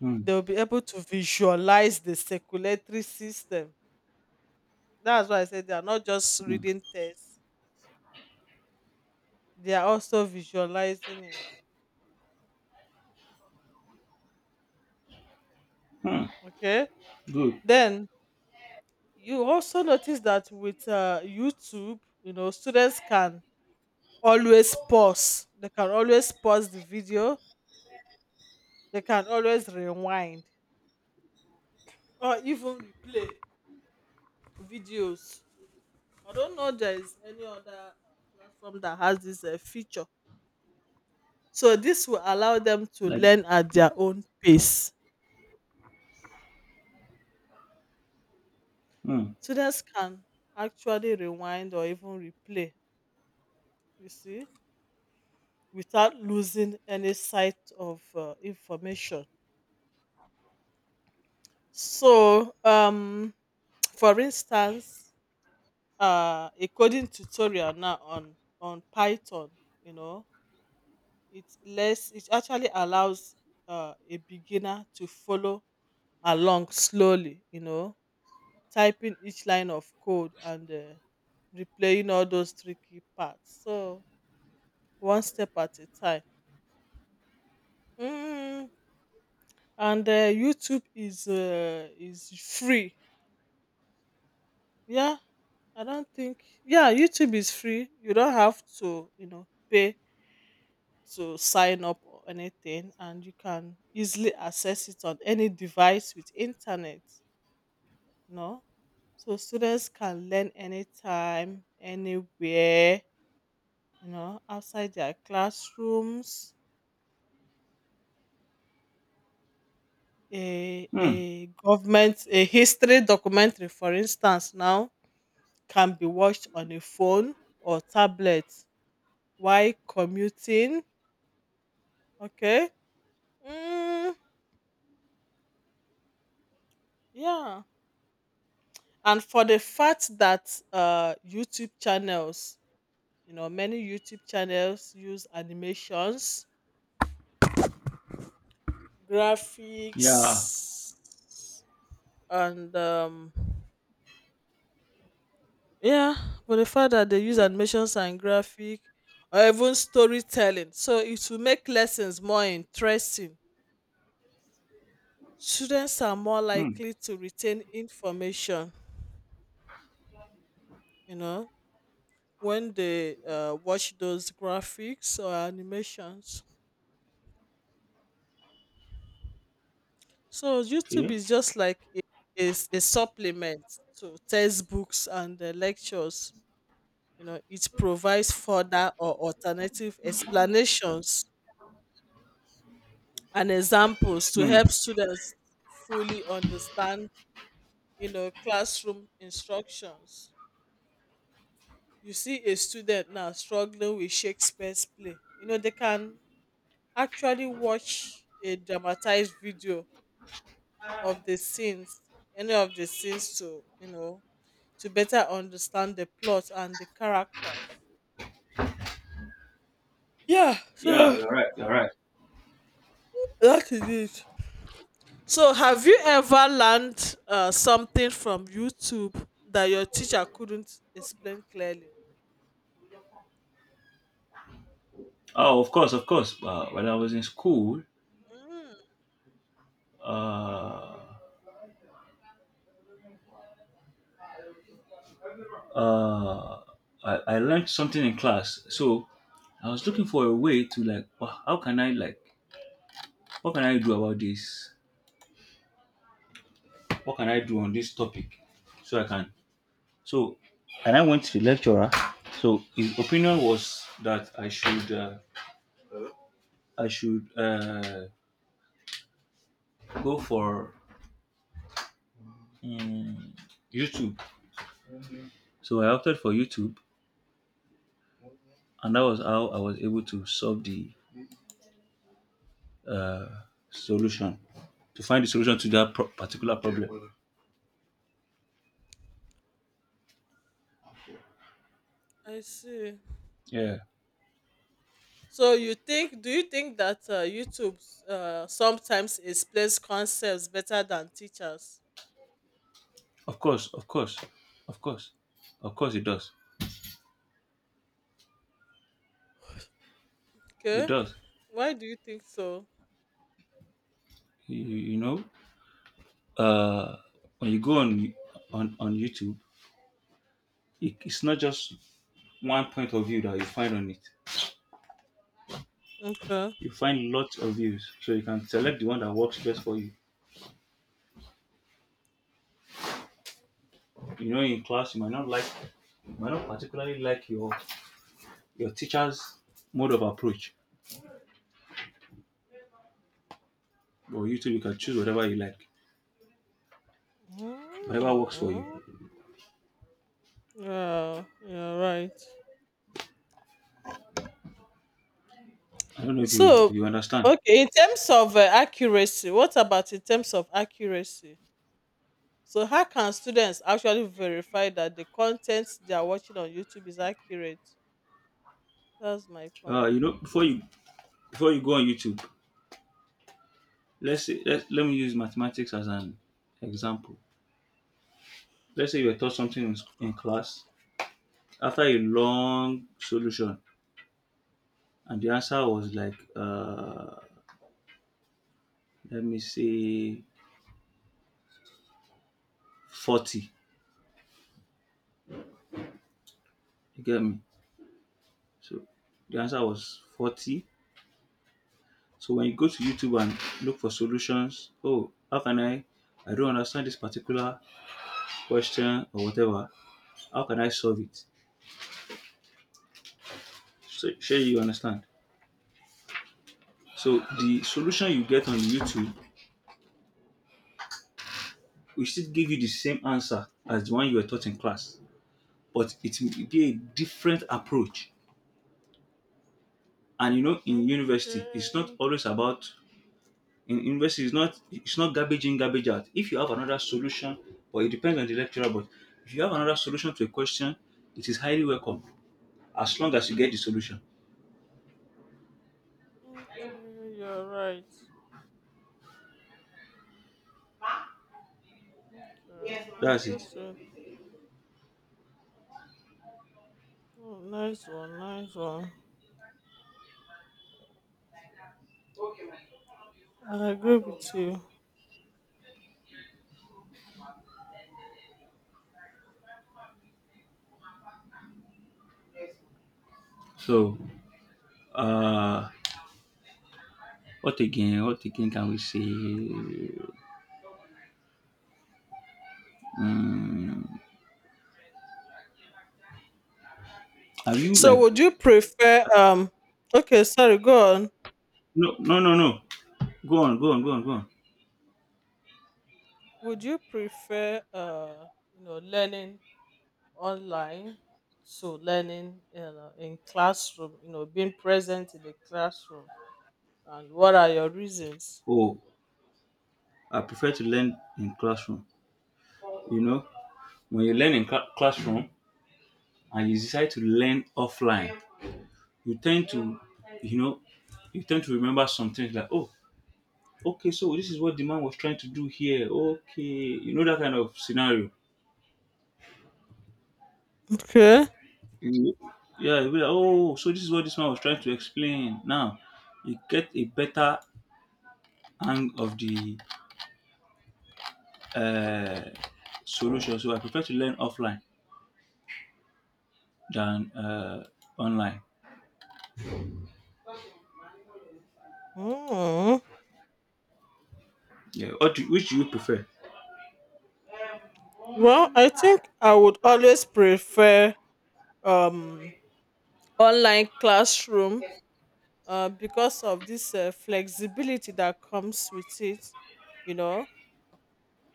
Speaker 2: Hmm.
Speaker 1: they'll be able to visualize the circulatory system. That's why I said they are not just
Speaker 2: Hmm.
Speaker 1: reading text, they are also visualizing it.
Speaker 2: Hmm.
Speaker 1: Okay.
Speaker 2: Good.
Speaker 1: Then you also notice that with YouTube, students can always pause. They can always pause the video. They can always rewind or even replay videos. I don't know there is any other platform that has this feature. So this will allow them to
Speaker 2: Like.
Speaker 1: learn at their own pace.
Speaker 2: Hmm.
Speaker 1: Students can actually rewind or even replay, you see, without losing any sight of information. So, for instance, a coding tutorial now on Python, you know, it actually allows a beginner to follow along slowly, typing each line of code and replaying all those tricky parts. So one step at a time. Mm. And YouTube is free. Yeah, I don't think. Yeah, YouTube is free. You don't have to, pay to sign up or anything, and you can easily access it on any device with internet. No, so students can learn anytime, anywhere, outside their classrooms. a,
Speaker 2: Hmm.
Speaker 1: a government, a history documentary, for instance, now can be watched on a phone or tablet while commuting. Okay. Mm, yeah. And for the fact that YouTube channels, many YouTube channels use animations,
Speaker 2: Yeah.
Speaker 1: graphics, and yeah, but the fact that they use animations and graphic or even storytelling, so it will make lessons more interesting. Students are more
Speaker 2: Hmm.
Speaker 1: likely to retain information, you know, when they watch those graphics or animations. So YouTube
Speaker 2: Okay.
Speaker 1: is just is a supplement to textbooks and lectures. It provides further or alternative explanations and examples to
Speaker 2: Hmm.
Speaker 1: help students fully understand classroom instructions. You see a student now struggling with Shakespeare's play, they can actually watch a dramatized video of the scenes, any of the scenes, to you know to better understand the plot and the characters. Yeah,
Speaker 2: Yeah.
Speaker 1: so
Speaker 2: You're right. You're right.
Speaker 1: that is it. So, have you ever learned something from YouTube that your teacher couldn't explain clearly?
Speaker 2: Oh, of course, of course. When I was in school,
Speaker 1: Mm,
Speaker 2: uh, uh, I learned something in class. So I was looking for a way to like, "Wha- how can I like, what can I do about this? What can I do on this topic? So I can. So, and I went to the lecturer. So his opinion was that I should go for mm, YouTube. So I opted for YouTube, and that was how I was able to solve the uh, solution, to find the solution to that pro- particular problem.
Speaker 1: I see.
Speaker 2: Yeah,
Speaker 1: So, do you think that YouTube sometimes explains concepts better than teachers?
Speaker 2: of course, of course, of course, of course, it does. It
Speaker 1: Okay.
Speaker 2: does.
Speaker 1: Why do you think so?
Speaker 2: You know, uh, when you go on YouTube, it's not just one point of view that you find on it.
Speaker 1: Okay.
Speaker 2: You find lots of views, so you can select the one that works best for you. You know, in class, you might not like, you might not particularly like your teacher's mode of approach, or you too, you can choose whatever you like, whatever works for you.
Speaker 1: Mm, yeah, yeah, right.
Speaker 2: I don't know if you if
Speaker 1: So,
Speaker 2: you understand.
Speaker 1: okay, in terms of accuracy, what about in terms of accuracy? So how can students actually verify that the content they are watching on YouTube is accurate? That's my point.
Speaker 2: You know, before you go on YouTube, let's say let me use mathematics as an example. Let's say you were taught something in class after a long solution, and the answer was like let me say 40. You get me? So the answer was 40. So when you go to YouTube and look for solutions, oh, how can I? I don't understand this particular question or whatever. How can I solve it? So sure you understand. So the solution you get on YouTube will still give you the same answer as the one you were taught in class, but it will be a different approach. And you know, in university, it's not
Speaker 1: Okay.
Speaker 2: always about in university. It's not garbage in, garbage out. If you have another solution, or it depends on the lecturer, but if you have another solution to a question, it is highly welcome, as long as you get the solution.
Speaker 1: Okay, you're right. Okay, I
Speaker 2: That's
Speaker 1: get
Speaker 2: it.
Speaker 1: it. Oh, nice one, nice one. I agree with you.
Speaker 2: So, uh, what again? What again can we say? Mm, have you
Speaker 1: So
Speaker 2: like?
Speaker 1: would you prefer
Speaker 2: Uh,
Speaker 1: okay, sorry, go on.
Speaker 2: no, no, no, no. Go on, go on, go on, go on.
Speaker 1: Would you prefer learning online to learning, in classroom, being present in the classroom? And what are your reasons?
Speaker 2: Oh, I prefer to learn in classroom. You know, when you learn in cla- classroom and you decide to learn offline, you tend to, you know, you tend to remember some things like, oh, okay, so this is what the man was trying to do here. Okay, you know that kind of scenario.
Speaker 1: Okay.
Speaker 2: You- Yeah, you'll be like, oh, so this is what this man was trying to explain. Now, you get a better hang of the uh, solution. So I prefer to learn offline than online.
Speaker 1: Mm.
Speaker 2: Yeah, what do, which do you prefer?
Speaker 1: Well, I think I would always prefer um online classroom, because of this flexibility that comes with it. You know,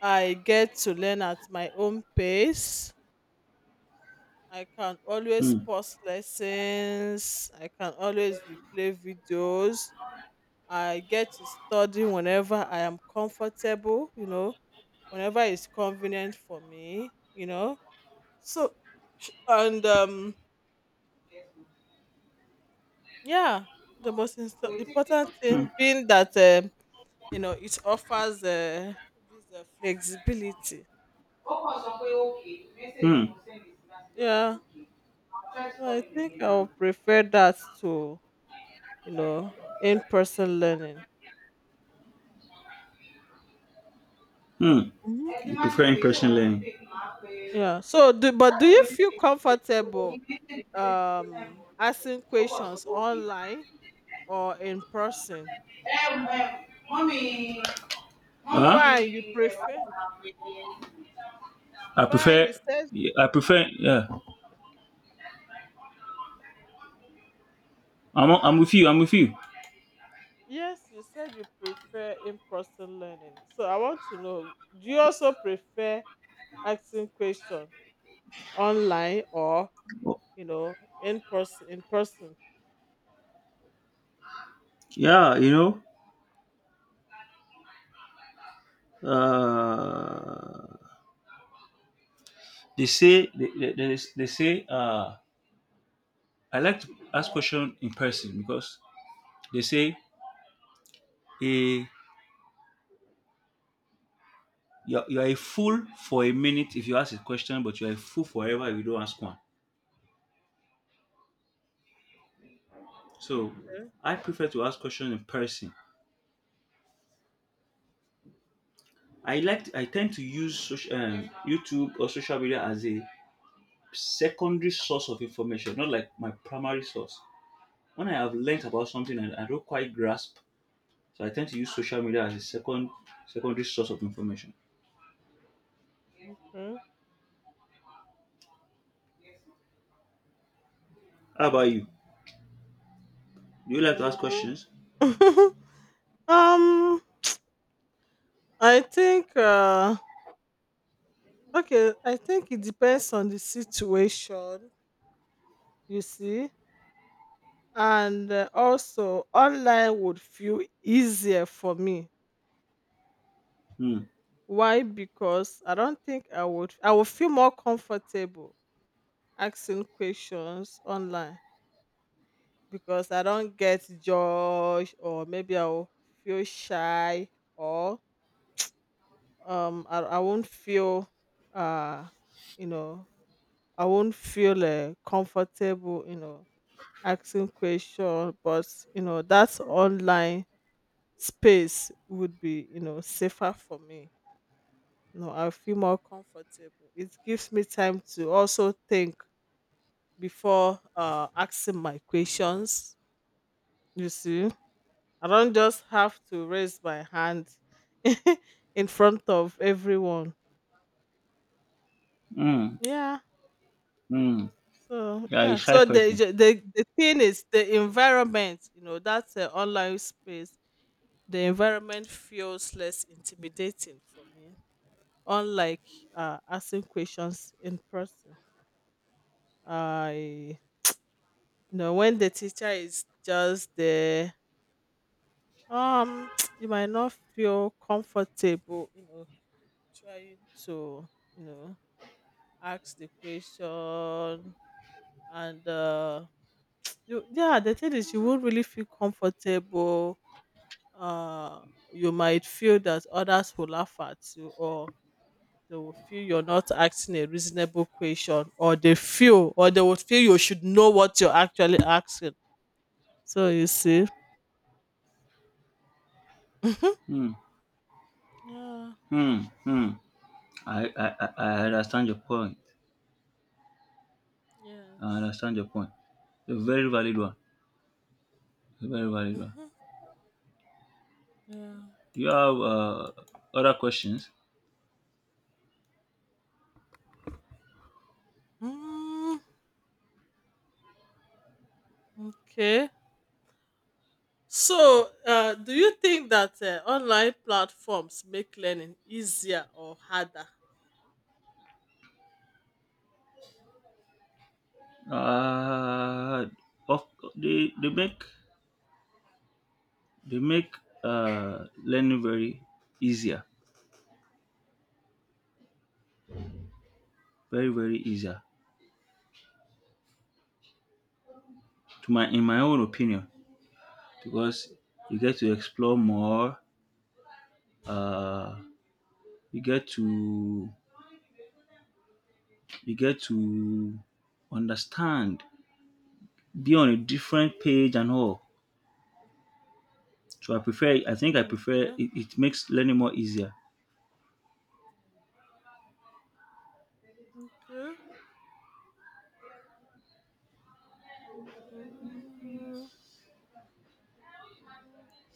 Speaker 1: I get to learn at my own pace. I can always
Speaker 2: Hmm.
Speaker 1: pause lessons. I can always replay videos. I get to study whenever I am comfortable, whenever it's convenient for me. So, sh- and yeah, the most important
Speaker 2: Hmm.
Speaker 1: thing being that it offers this flexibility.
Speaker 2: Hmm.
Speaker 1: Yeah, so I think I would prefer that to in-person learning.
Speaker 2: Hmm.
Speaker 1: Hmm.
Speaker 2: You prefer in-person learning?
Speaker 1: Yeah. So, but do you
Speaker 2: Hein?
Speaker 1: feel comfortable asking questions online or in person? Fine, you prefer.
Speaker 2: I
Speaker 1: Fine,
Speaker 2: prefer,
Speaker 1: you said.
Speaker 2: I prefer, yeah. I'm with you, I'm with you.
Speaker 1: Yes, you said you prefer in-person learning. So I want to know, do you also prefer asking questions online, or, you know, in person?
Speaker 2: Yeah, you know, uh, they say, I like to ask question in person because they say, eh, you're a fool for a minute if you ask a question, but you're a fool forever if you don't ask one. So I prefer to ask questions in person. I tend to use social, YouTube or social media as a secondary source of information, not like my primary source. When I have learnt about something and I don't quite grasp, so I tend to use social media as a secondary source of information.
Speaker 1: Okay.
Speaker 2: How about
Speaker 1: Mm.
Speaker 2: you? Do you like to ask questions?
Speaker 1: um, I think okay, I think it depends on the situation, you see. And also online would feel easier for me.
Speaker 2: Hmm.
Speaker 1: Why? Because I don't think I would feel more comfortable asking questions online, because I don't get judged, or maybe I'll feel shy, or I won't feel uh you know comfortable, asking questions, but that online space would be, safer for me. I feel more comfortable. It gives me time to also think before asking my questions. You see, I don't just have to raise my hand in front of everyone.
Speaker 2: Hmm.
Speaker 1: Yeah.
Speaker 2: Hmm.
Speaker 1: So
Speaker 2: You're a
Speaker 1: yeah.
Speaker 2: shy
Speaker 1: So the
Speaker 2: person.
Speaker 1: the the the thing is the environment. That's an online space. The environment feels less intimidating for me, unlike asking questions in person. I, when the teacher is just there, um, you might not feel comfortable. Trying to you know ask the question, and yeah, the thing is you won't really feel comfortable. uh you might feel that others will laugh at you, or they will feel you're not asking a reasonable question, or they would feel you should know what you're actually asking. So you see. Mhm.
Speaker 2: Hmm.
Speaker 1: Yeah.
Speaker 2: Hmm. Hmm. I understand your point. I
Speaker 1: Yes.
Speaker 2: understand your point. A very valid one. A very valid one.
Speaker 1: Hmm. Yeah.
Speaker 2: Do you have other questions?
Speaker 1: Mm, okay. So, do you think that online platforms make learning easier or harder?
Speaker 2: Uh, of, they make they make learning very easier, very very easier. To my in my own opinion, because you get to explore more. Uh, you get to you get to understand, be on a different page and all. So I think I
Speaker 1: Mm.
Speaker 2: prefer it, it makes learning more easier.
Speaker 1: Okay. Mm.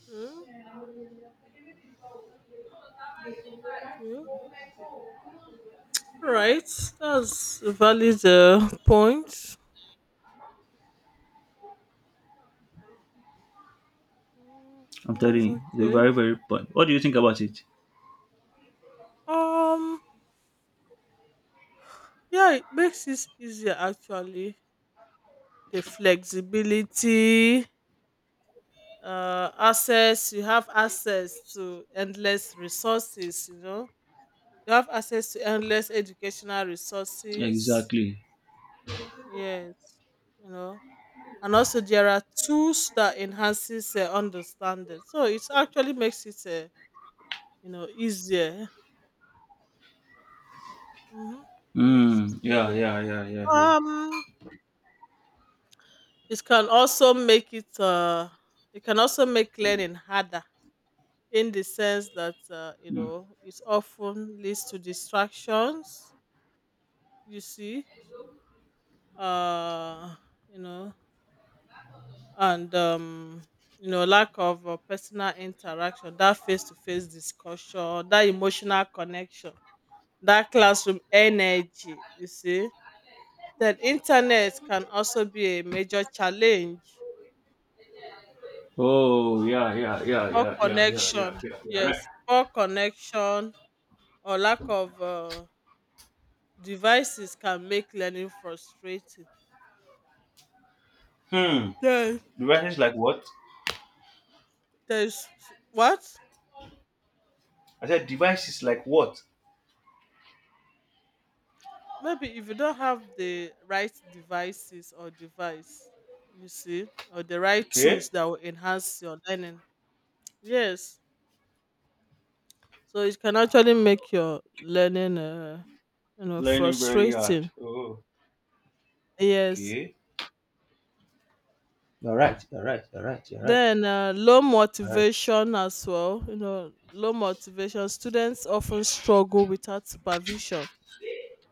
Speaker 1: Okay. Okay. Right. That's a valid point. Mm,
Speaker 2: I'm telling
Speaker 1: that's
Speaker 2: you, the
Speaker 1: okay.
Speaker 2: very very point. What do you think about it?
Speaker 1: Um. Yeah, it makes it easier actually. The flexibility, access. You have access to endless resources. You have access to endless educational resources.
Speaker 2: Exactly.
Speaker 1: Yes, you know, and also there are tools that enhances understanding. So it actually makes it, easier. Mm-hmm. Makes it
Speaker 2: Mm, yeah,
Speaker 1: easier.
Speaker 2: yeah, yeah, yeah, yeah.
Speaker 1: Um, it can also make it. It can also make learning harder, in the sense that
Speaker 2: Mm.
Speaker 1: it often leads to distractions. You see, uh, you know and lack of personal interaction, that face to face discussion, that emotional connection, that classroom energy. You see, that internet can also be a major challenge.
Speaker 2: Oh, yeah, yeah, yeah,
Speaker 1: Poor
Speaker 2: yeah, yeah, yeah,
Speaker 1: connection,
Speaker 2: yeah, yeah, yeah, right.
Speaker 1: yes, poor connection, or lack of devices, can make learning frustrating.
Speaker 2: Hmm.
Speaker 1: Then,
Speaker 2: Devices like what?
Speaker 1: there's what,
Speaker 2: I said devices like what?
Speaker 1: maybe if you don't have the right devices or device, you see, or the right tools
Speaker 2: Okay.
Speaker 1: that will enhance your learning. Yes. So it can actually make your learning
Speaker 2: Learning very hard.
Speaker 1: frustrating.
Speaker 2: Oh,
Speaker 1: Yes.
Speaker 2: okay. You're right. You're right. You're right. You're right.
Speaker 1: Then low
Speaker 2: You're right.
Speaker 1: motivation as well. Low motivation, students often struggle without supervision.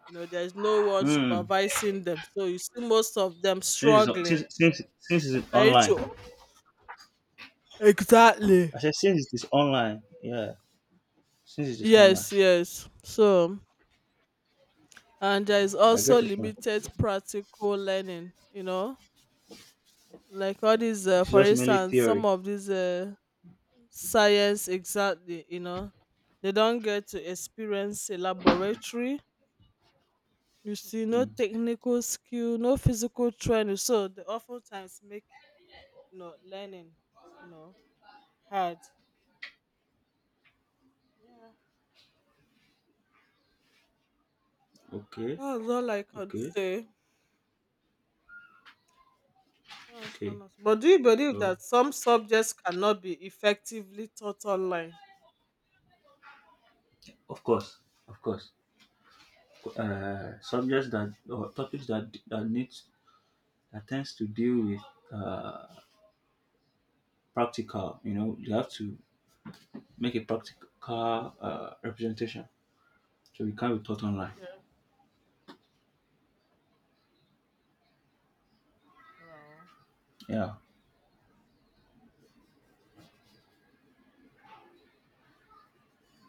Speaker 1: There's no one
Speaker 2: Hmm.
Speaker 1: supervising them, so you see most of them
Speaker 2: Since it's,
Speaker 1: struggling,
Speaker 2: since, since, since it's
Speaker 1: trying
Speaker 2: online.
Speaker 1: to. Exactly.
Speaker 2: I said since it is online. Yeah. Since it is online,
Speaker 1: Yes, yes. So, and there is
Speaker 2: I
Speaker 1: also
Speaker 2: get your point.
Speaker 1: limited practical learning, like all these,
Speaker 2: It's
Speaker 1: for
Speaker 2: just mainly
Speaker 1: instance, some
Speaker 2: theory.
Speaker 1: of these science. Exactly, they don't get to experience a laboratory. You see, no
Speaker 2: Hmm.
Speaker 1: technical skill, no physical training. So they oftentimes make, learning, you know, hard. Yeah.
Speaker 2: Okay,
Speaker 1: That's all I can
Speaker 2: okay,
Speaker 1: say. That's so
Speaker 2: okay.
Speaker 1: nice. But do you believe
Speaker 2: Oh,
Speaker 1: that some subjects cannot be effectively taught online?
Speaker 2: of course, of course. Subjects that or topics that needs that tends to deal with uh, practical. You know, you have to make a practical representation, so it can't be taught online.
Speaker 1: Okay, wow,
Speaker 2: Yeah.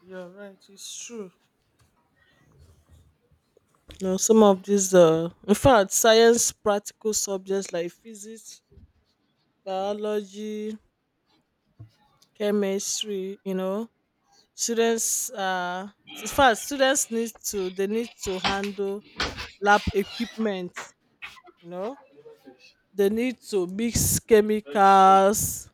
Speaker 1: you're right. It's true. No, some of these, in fact, science practical subjects like physics, biology, chemistry, students, in fact, students need to, they need to handle lab equipment, you know, they need to mix chemicals.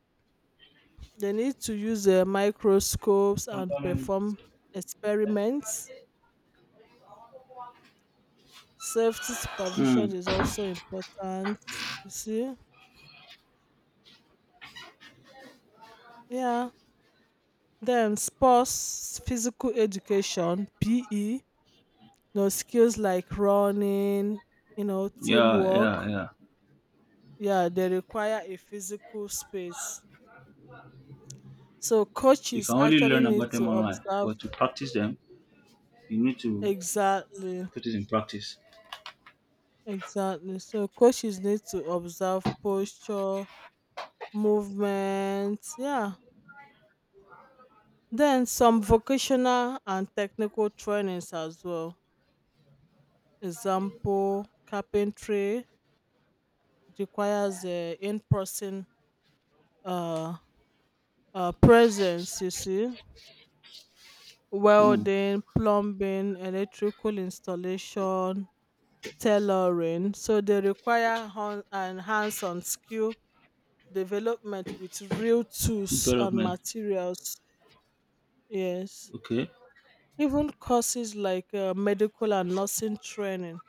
Speaker 1: They need to use microscopes and perform experiments. Safety supervision
Speaker 2: Mm.
Speaker 1: is also important. You see? Yeah. Then sports, physical education, PE, skills like running,
Speaker 2: Yeah, yeah,
Speaker 1: teamwork.
Speaker 2: yeah.
Speaker 1: Yeah, they require a physical space. So
Speaker 2: You
Speaker 1: coaches
Speaker 2: can only
Speaker 1: actually
Speaker 2: learn
Speaker 1: need
Speaker 2: about them
Speaker 1: to
Speaker 2: online,
Speaker 1: observe.
Speaker 2: but to practice them, you need to
Speaker 1: Exactly,
Speaker 2: put it in practice.
Speaker 1: exactly. So coaches need to observe posture, movement. Yeah. Then some vocational and technical trainings as well. Example, carpentry, it requires a in-person uh, presence, you see.
Speaker 2: Mm.
Speaker 1: Welding, plumbing, electrical installation, tailoring. So they require hon- and hands-on skill development with real tools and
Speaker 2: Development.
Speaker 1: materials. Yes.
Speaker 2: Okay.
Speaker 1: Even courses like medical and nursing training.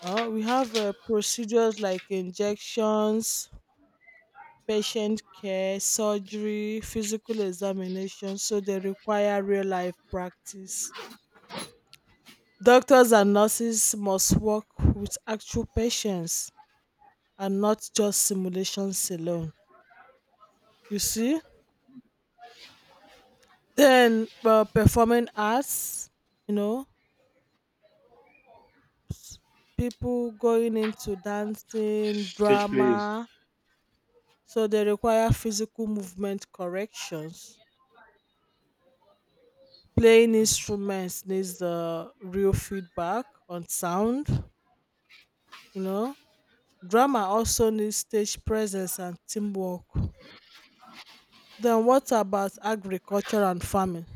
Speaker 1: We have procedures like injections, patient care, surgery, physical examination, so they require real life practice. Doctors and nurses must work with actual patients and not just simulations alone. You see? Then performing arts, you know, s- people going into dancing,
Speaker 2: Church plays.
Speaker 1: drama. So they require physical movement corrections. Playing instruments needs the real feedback on sound, you know. Drama also needs stage presence and teamwork. Then what about agriculture and farming?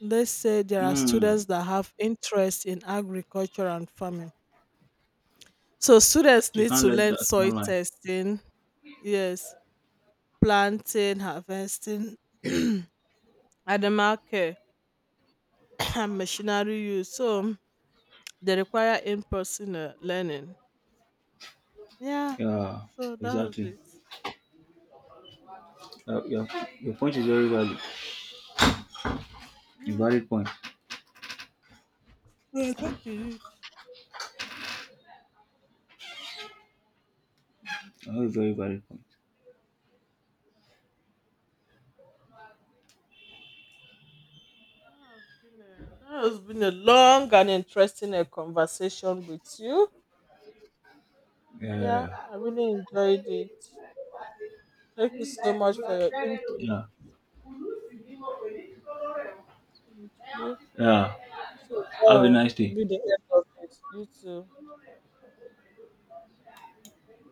Speaker 1: Let's say there are
Speaker 2: Mm.
Speaker 1: students that have interest in agriculture and farming. So students
Speaker 2: You
Speaker 1: need
Speaker 2: can't
Speaker 1: to
Speaker 2: let
Speaker 1: learn
Speaker 2: that
Speaker 1: soil
Speaker 2: online.
Speaker 1: testing, yes, planting, harvesting, animal care, and machinery use. So they require in-person learning. Yeah.
Speaker 2: Yeah,
Speaker 1: So that was
Speaker 2: exactly.
Speaker 1: it. Yeah.
Speaker 2: Uh, your, your point is very valid. A
Speaker 1: Yes.
Speaker 2: valid point.
Speaker 1: Yeah, that is it.
Speaker 2: A very, very valid point.
Speaker 1: That has that has been a long and interesting conversation with you. Yeah,
Speaker 2: Yeah.
Speaker 1: I really enjoyed it. Thank you so much for your input.
Speaker 2: Yeah.
Speaker 1: Thank you.
Speaker 2: Yeah.
Speaker 1: So that
Speaker 2: Have a
Speaker 1: will
Speaker 2: nice day.
Speaker 1: be the end of it. You too.